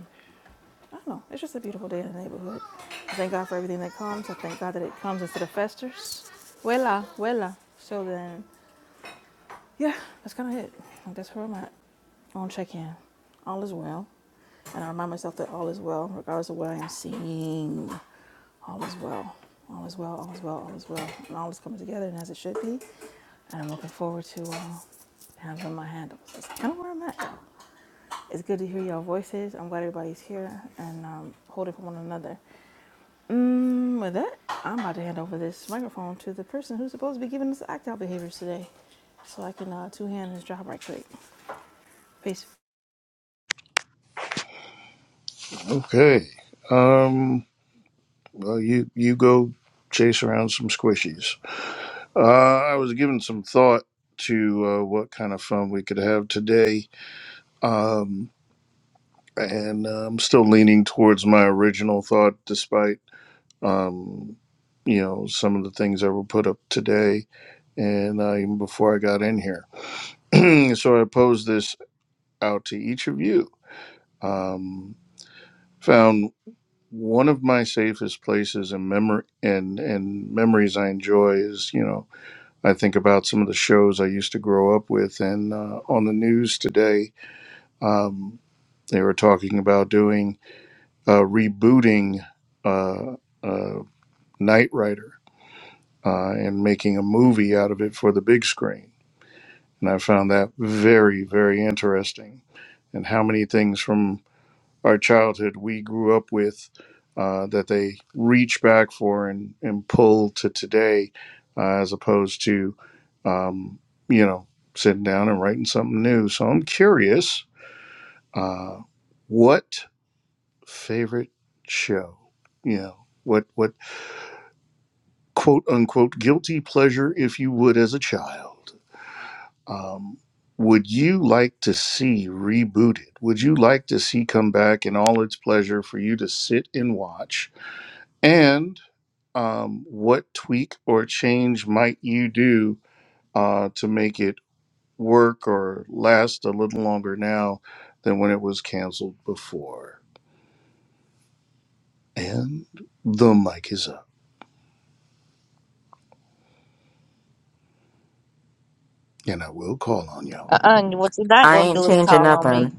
A: I don't know. It's just a beautiful day in the neighborhood. I thank God for everything that comes. I thank God that it comes instead of festers. Vuela, vuela. So then, yeah, that's kind of it. Like, That's where I'm at. I want to check in. All is well. And I remind myself that all is well, regardless of what I am seeing. All is well. All is well, all is well, all is well. And all is coming together and as it should be. And I'm looking forward to uh, handling my handles. That's kind of where I'm at. It's good to hear y'all voices. I'm glad everybody's here and um, holding for one another. Mm, with that, I'm about to hand over this microphone to the person who's supposed to be giving us the opt-out behaviors today, so I can uh, two-hand his job right quick. Peace.
B: Okay. Um, Well, you you go chase around some squishies. Uh, I was giving some thought to uh, what kind of fun we could have today, um, and uh, I'm still leaning towards my original thought, despite um, you know some of the things that were put up today and uh, even before I got in here. so I posed this out to each of you. Um, found one of my safest places and memory and and memories I enjoy is you know I think about some of the shows I used to grow up with, and uh, on the news today, um, they were talking about doing uh, rebooting uh, uh, Knight Rider uh, and making a movie out of it for the big screen. And I found that very, very interesting. And how many things from our childhood we grew up with uh, that they reach back for and, and pull to today uh, as opposed to um, you know sitting down and writing something new so i'm curious uh, what favorite show you know what what quote unquote guilty pleasure if you would as a child um, would you like to see rebooted would you like to see come back in all its pleasure for you to sit and watch And um, what tweak or change might you do uh, to make it work or last a little longer now than when it was canceled before? And the mic is up, and I will call on y'all.
C: Uh-uh. What you're not
E: i
C: going to
E: ain't
C: do is
E: changing
C: call on me.
E: nothing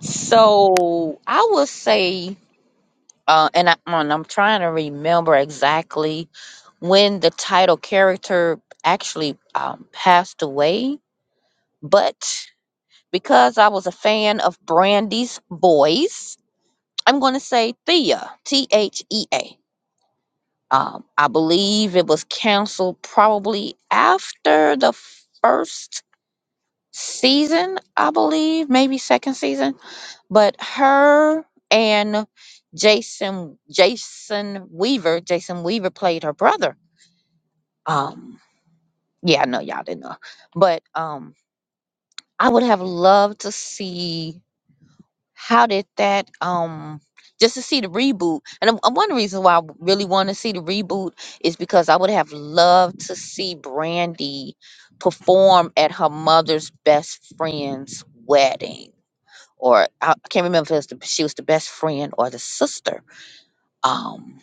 C: So I will say. Uh, and I, and I'm trying to remember exactly when the title character actually um, passed away. But because I was a fan of Brandy's voice, I'm going to say Thea, T H E A. Um, I believe it was canceled probably after the first season, I believe, maybe second season but her and Jason Jason Weaver, Jason Weaver played her brother. Um, yeah, I know y'all didn't know, but um, I would have loved to see how did that um just to see the reboot. And um, one reason why I really want to see the reboot is because I would have loved to see Brandy perform at her mother's best friend's wedding. Or I I can't remember if it was the, she was the best friend or the sister Um,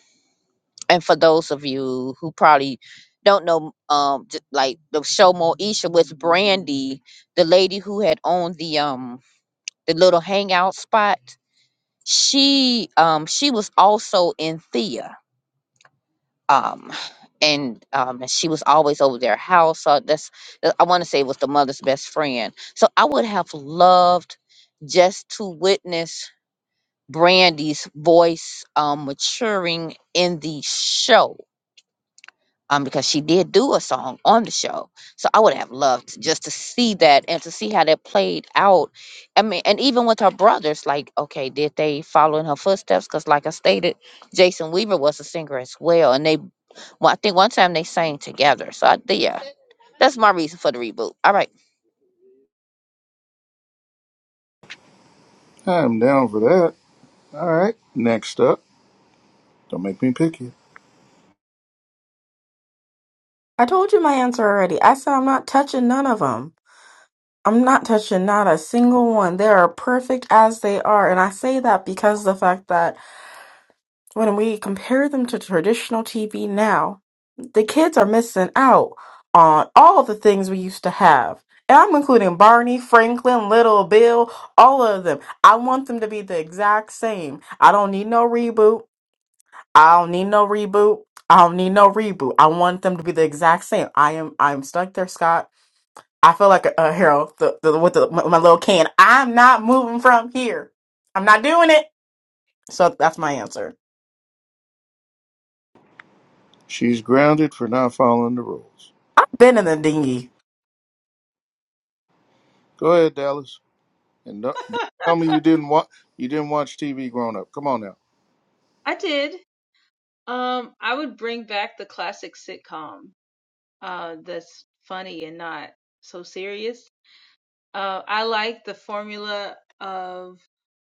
C: and for those of you who probably don't know, um, j- like the show Moesha with Brandy, the lady who had owned the um the little hangout spot, she um she was also in Thea. Um, and um, and she was always over their house. So that's that- I want to say it was the mother's best friend. So I would have loved just to witness Brandy's voice um maturing in the show um, because she did do a song on the show. So I would have loved to- just to see that and to see how that played out. I mean, and even with her brothers, like, okay, did they follow in her footsteps? Because, like I stated, Jason Weaver was a singer as well, and they, well, I think one time they sang together. So I, yeah, that's my reason for the reboot. All right,
B: I'm down for that. All right. Next up, don't make me pick you.
E: i told you my answer already i said i'm not touching none of them i'm not touching not a single one they are perfect as they are and i say that because of the fact that when we compare them to traditional TV now, the kids are missing out on all of the things we used to have. And I'm including Barney, Franklin, Little Bill, all of them. I want them to be the exact same. I don't need no reboot. I don't need no reboot. I don't need no reboot. I want them to be the exact same. I am I'm stuck there, Scott. I feel like a, a hero the, the, with the, my, my little can. I'm not moving from here. I'm not doing it. So that's my answer.
B: She's grounded for not following the rules.
E: I've been in the dinghy.
B: Go ahead, Dallas, and don't, don't tell me you didn't watch you didn't watch TV growing up. Come on now.
F: I did. Um, I would bring back the classic sitcom. Uh, that's funny and not so serious. Uh, I like the formula of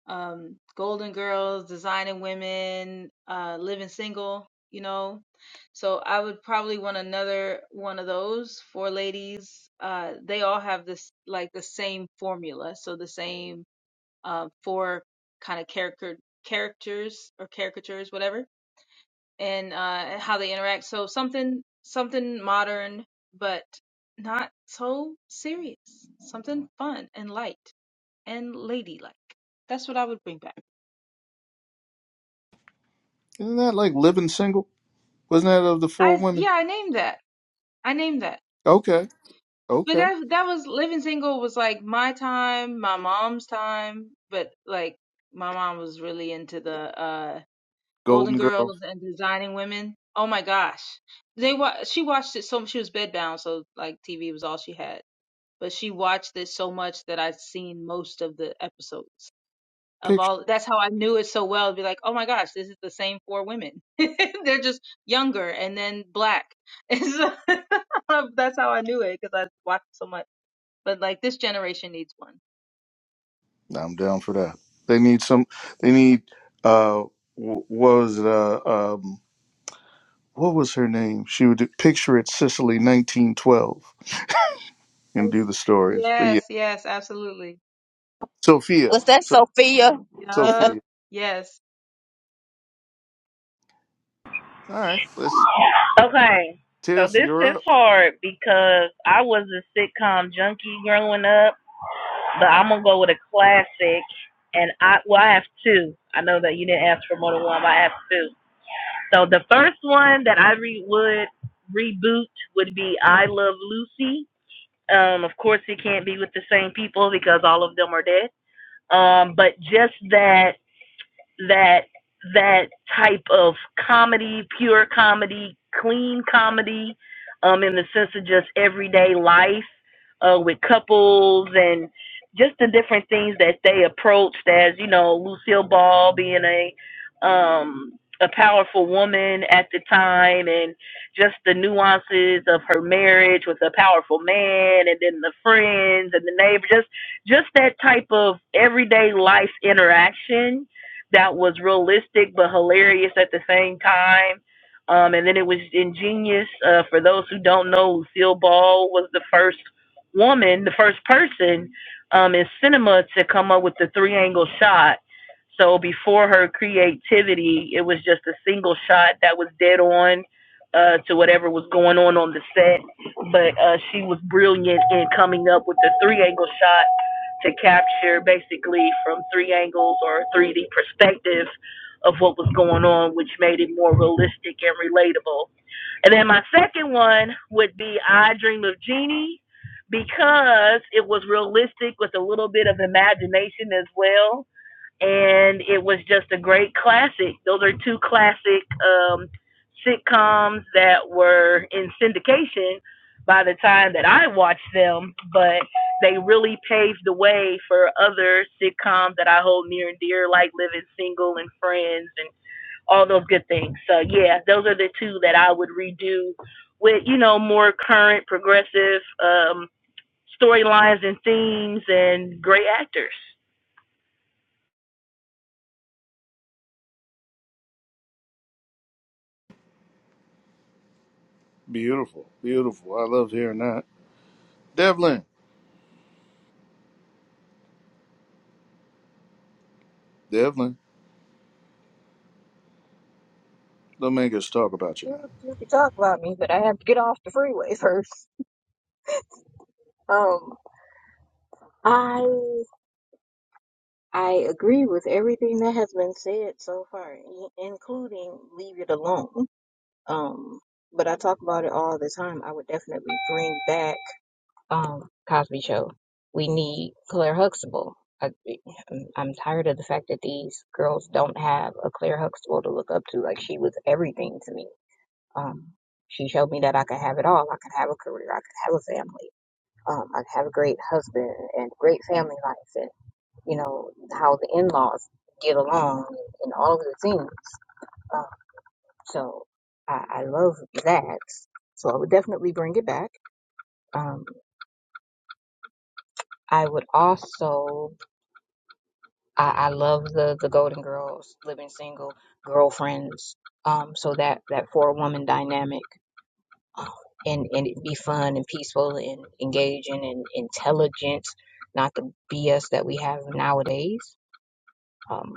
F: um, Golden Girls, Designing Women, uh, Living Single, you know. So I would probably want another one of those for ladies. Uh, they all have this, like the same formula. So the same uh, four kind of character characters or caricatures, whatever, and uh, how they interact. So something something modern, but not so serious. Something fun and light and ladylike. That's what I would bring back.
B: Isn't that like living single? Wasn't that of the four
F: I
B: women?
F: yeah, I named that. I named that.
B: Okay.
F: But
B: Okay.
F: that that was living single was like my time, my mom's time. But like my mom was really into the uh Golden
B: Golden Girl
F: Girls and designing women. Oh my gosh, they wa- she watched it so she was bedbound, so like TV was all she had. But she watched it so much that I'd seen most of the episodes. of
B: picture.
F: all that's how I knew it so well. Be like, oh my gosh, this is the same four women. They're just younger and then black. And so that's how I knew it because I watched so much. But like this generation needs one.
B: I'm down for that. They need some. They need. Uh, wh- what was it? Uh, um, what was her name? She would do, picture it Sicily 1912 and do
F: Yes,
B: the stories. But yeah,
F: yes, yes absolutely.
B: Sophia.
C: was that
B: So,
C: Sophia?
F: Yup.
B: Sophia.
F: Yes.
B: All right. Let's.
G: Okay, so
B: Tiff,
G: this
B: you're
G: is
B: up.
G: hard because I was a sitcom junkie growing up. but I'm gonna go with a classic. And I well, I have two. I know that you didn't ask for more than one, but I have two. So the first one that I re- would reboot would be I Love Lucy. Um, of course, it can't be with the same people because all of them are dead. Um, but just that that that type of comedy, pure comedy, clean comedy, um, in the sense of just everyday life, uh, with couples and just the different things that they approached as, you know, Lucille Ball being a um a powerful woman at the time and just the nuances of her marriage with a powerful man and then the friends and the neighbor just just that type of everyday life interaction that was realistic but hilarious at the same time. Um, and then it was ingenious. Uh, for those who don't know, Lucille Ball was the first woman, the first person um, in cinema to come up with the three angle shot. So before her creativity, it was just a single shot that was dead on uh, to whatever was going on on the set. But uh, she was brilliant in coming up with the three angle shot to capture basically from three angles or a 3D perspective of what was going on, which made it more realistic and relatable. And then my second one would be I Dream of Jeannie because it was realistic with a little bit of imagination as well and it was just a great classic. Those are two classic um, sitcoms that were in syndication by the time that I watched them, but they really paved the way for other sitcoms that I hold near and dear, like Living Single and Friends and all those good things. So, yeah, those are the two that I would redo with, you know, more current, progressive um, storylines and themes and great actors.
B: Beautiful. Beautiful. I love hearing that. Devlin. Devlin. Don't make us talk about you
H: You,
B: now.
H: you can talk about me, but I have to get off the freeway first. Um, I I agree with everything that has been said so far, i- including leave it alone. Um, but I talk about it all the time. I would definitely bring back um Cosby Show. We need Claire Huxtable. I, I'm I'm tired of the fact that these girls don't have a Claire Huxtable to look up to. Like she was everything to me. Um, she showed me that I could have it all. I could have a career. I could have a family. Um, I could have a great husband and great family life you know, how the in laws get along and all of the things. Um, so I, I love that. So I would definitely bring it back. Um, I would also, I, I love the, the Golden Girls, living single, girlfriends. Um, so that, that four woman dynamic. um, And, and it be fun and peaceful and engaging and intelligent, not the BS that we have nowadays. Um,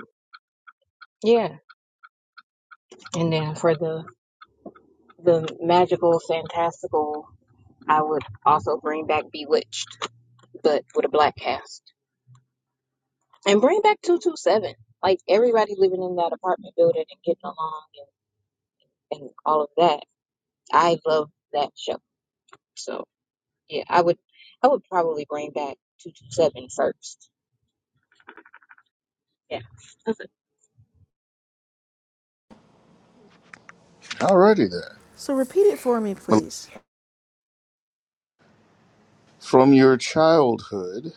H: yeah. And then for the the magical, fantastical, I would also bring back Bewitched, but with a black cast. And bring back 227. Like everybody living in that apartment building and getting along and, and all of that. I love that show. So yeah, I would I would probably bring back 227 first. Yeah.
B: Alrighty then.
A: So repeat it for me, please.
B: From your childhood,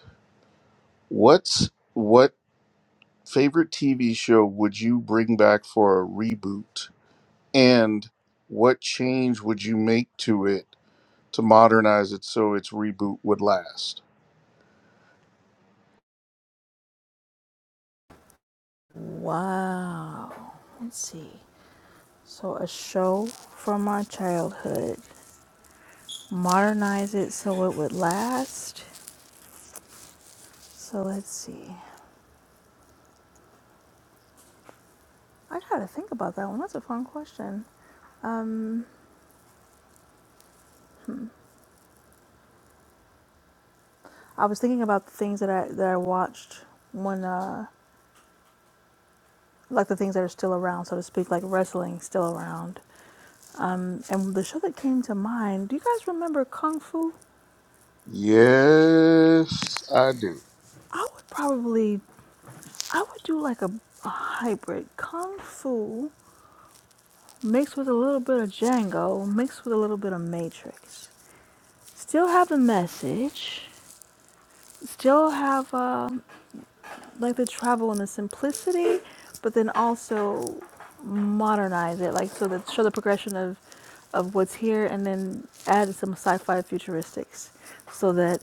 B: what's what? favorite TV show would you bring back for a reboot? And what change would you make to it to modernize it so its reboot would last?
A: Wow. Let's see. So a show from my childhood. Modernize it so it would last. So let's see. I gotta think about that one. That's a fun question. Um, I was thinking about the things that I that I watched when uh, like the things that are still around, so to speak, like wrestling still around. Um, and the show that came to mind, do you guys remember Kung Fu?
B: Yes, I do.
A: I would probably, I would do like a, a hybrid Kung Fu mixed with a little bit of Django, mixed with a little bit of Matrix. Still have the message, still have uh, like the travel and the simplicity, but then also modernize it, like so that show the progression of of what's here, and then add some sci-fi futuristics, so that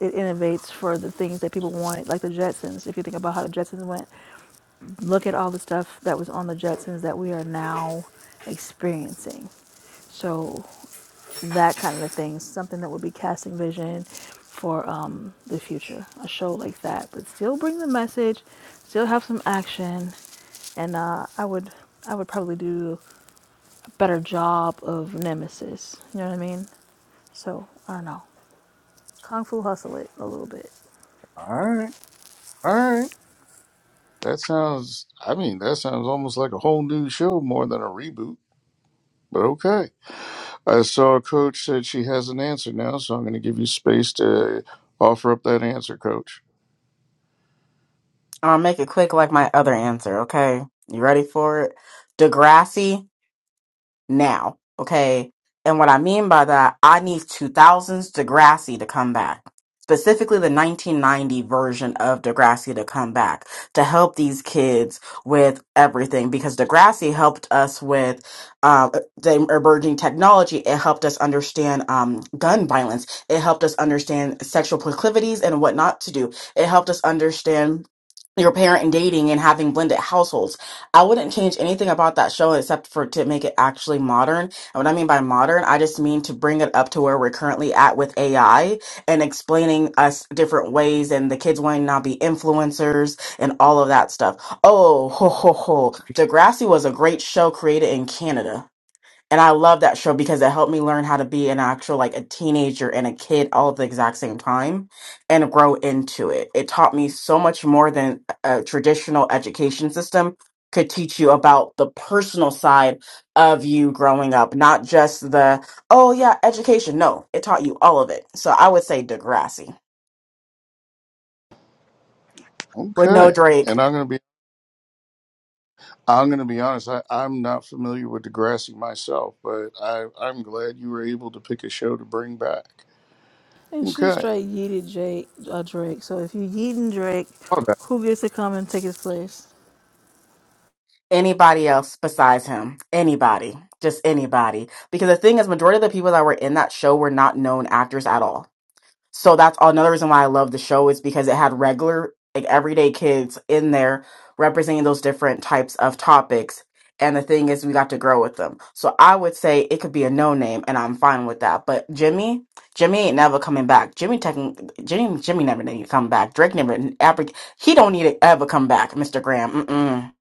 A: it innovates for the things that people want, like the Jetsons. If you think about how the Jetsons went, look at all the stuff that was on the Jetsons that we are now experiencing. So that kind of a thing, something that would be casting vision for um, the future, a show like that, but still bring the message, still have some action, and uh, I would I would probably do a better job of Nemesis. You know what I mean? So I don't know, kung fu hustle it a little bit.
B: All right. All right. That sounds, I mean, that sounds almost like a whole new show more than a reboot, but okay. I saw a coach said she has an answer now, so I'm going to give you space to offer up that answer, coach.
E: I'll make it quick like my other answer, okay? You ready for it? Degrassi now. Okay. And what I mean by that, I need 2000s Degrassi to come back, specifically the 1990 version of Degrassi to come back to help these kids with everything because Degrassi helped us with uh, the emerging technology. It helped us understand um, gun violence. It helped us understand sexual proclivities and what not to do. It helped us understand your parent and dating and having blended households I wouldn't change anything about that show except for to make it actually modern. And what I mean by modern, I just mean to bring it up to where we're currently at with AI and explaining us different ways and the kids wanting to now be influencers and all of that stuff. Oh, ho, ho, ho. Degrassi was a great show created in Canada and I love that show because it helped me learn how to be an actual like a teenager and a kid all at the exact same time and grow into it. It taught me so much more than a traditional education system could teach you about the personal side of you growing up, not just the oh yeah, education. No, it taught you all of it. So I would say Degrassi. Would know
B: Okay.
E: Drake,
B: And I'm going to be I'm going to be honest. I, I'm not familiar with Degrassi myself, but I, I'm glad you were able to pick a show to bring back.
A: And she
B: Okay.
A: straight yeeted Drake, uh, Drake. So if you yeeting Drake,
B: All right.
A: who gets to come and take his place?
E: anybody else besides him, anybody, just anybody. Because the thing is majority of the people that were in that show were not known actors at all So that's another reason why I love the show is because it had regular, like everyday kids in there representing those different types of topics. And the thing is, we got to grow with them. So I would say it could be a no name, and I'm fine with that. But Jimmy, Jimmy ain't never coming back. Jimmy, taking, Jimmy, Jimmy never need to come back. Drake never, ever, he don't need to ever come back, Mr. Graham. Mm-mm.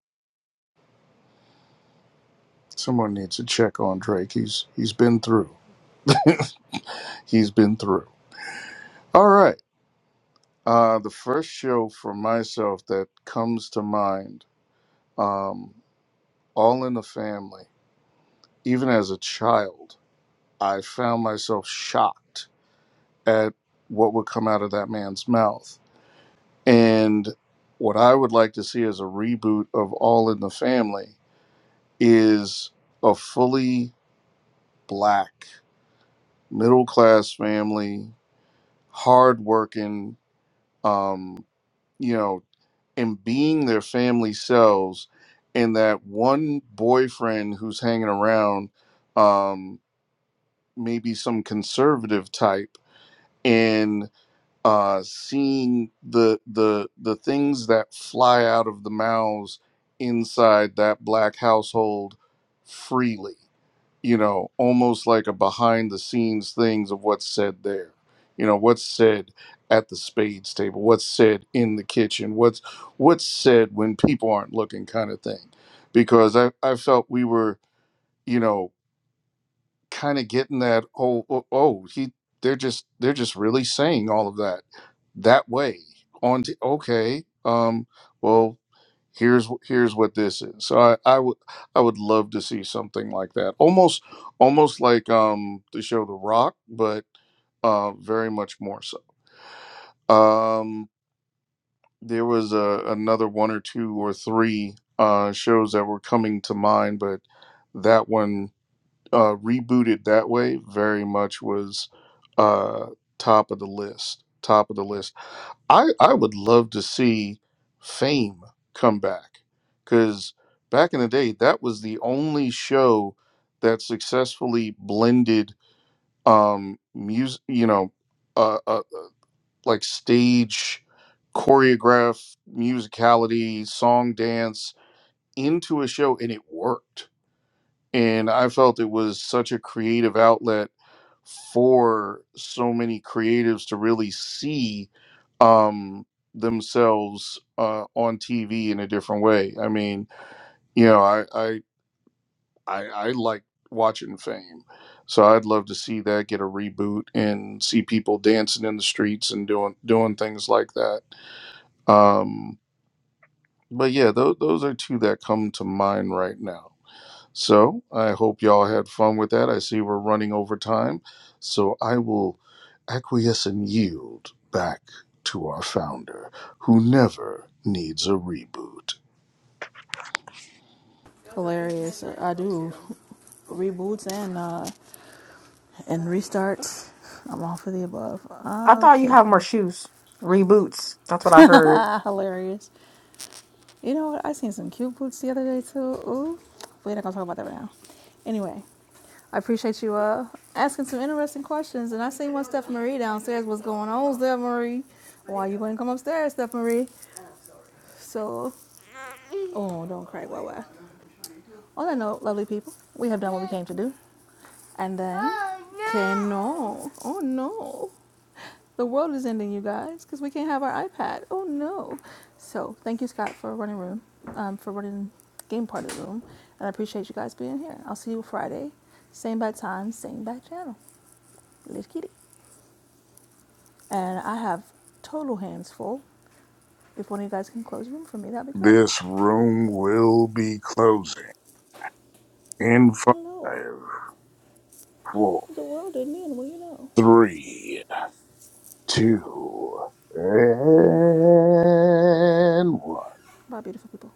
B: Someone needs to check on Drake. He's he's been through. He's been through. All right. Uh, the first show for myself that comes to mind, um, All in the Family. Even as a child, I found myself shocked at what would come out of that man's mouth And what I would like to see as a reboot of All in the Family is a fully black, middle class family, hardworking, um, you know, and being their family selves. And that one boyfriend who's hanging around, um, maybe some conservative type. and. uh, seeing the the the things that fly out of the mouths inside that black household freely you know almost like a behind the scenes things of what's said there you know what's said at the spades table what's said in the kitchen what's what's said when people aren't looking kind of thing because i i felt we were you know kind of getting that oh, oh oh he they're just they're just really saying all of that that way on t- okay um well here's wh- here's what this is so I, I would i would love to see something like that almost almost like um the show the rock but uh very much more so um there was a, another one or two or three uh shows that were coming to mind but that one uh, rebooted that way very much was uh, top of the list. Top of the list. I, I would love to see Fame come back because back in the day, that was the only show that successfully blended um, music, you know, uh, uh, like stage choreograph, musicality, song, dance into a show, and it worked. And I felt it was such a creative outlet for so many creatives to really see um, themselves uh, on TV in a different way. I mean, you know, I I I, I like watching Fame, so I'd love to see that get a reboot and see people dancing in the streets and doing doing things like that. Um, but yeah, those those are two that come to mind right now. So I hope y'all had fun with that. I see we're running over time. So I will acquiesce and yield back to our founder, who never needs a reboot.
A: Hilarious. I do reboots and uh, and restarts. I'm all for the above.
E: I thought you
A: Okay.
E: have more shoes, reboots. That's what I heard.
A: Hilarious. You know what? I seen some cute boots the other day too. Ooh, we're not gonna talk about that right now. Anyway, I appreciate you uh asking some interesting questions. And I seen one Steph Marie downstairs. What's going on, Steph Marie? Why you wouldn't come upstairs, Steph Marie? So, oh, don't cry, Wawa. On that note, lovely people, we have done what we came to do. And then, oh, no. can no. Oh no. The world is ending, you guys, because we can't have our iPad. Oh no. So, thank you, Scott, for running room, um, for running game part of the room. And I appreciate you guys being here. I'll see you Friday. Same bad time, same bad channel. Live kitty. And I have total hands full. If one of you guys can close room for me, that'd be great.
B: This room will be closing in
A: Hello.
B: five, four,
A: The world didn't end, well, you know.
B: three,
A: Yeah.
B: two, and one.
A: Bye, beautiful people.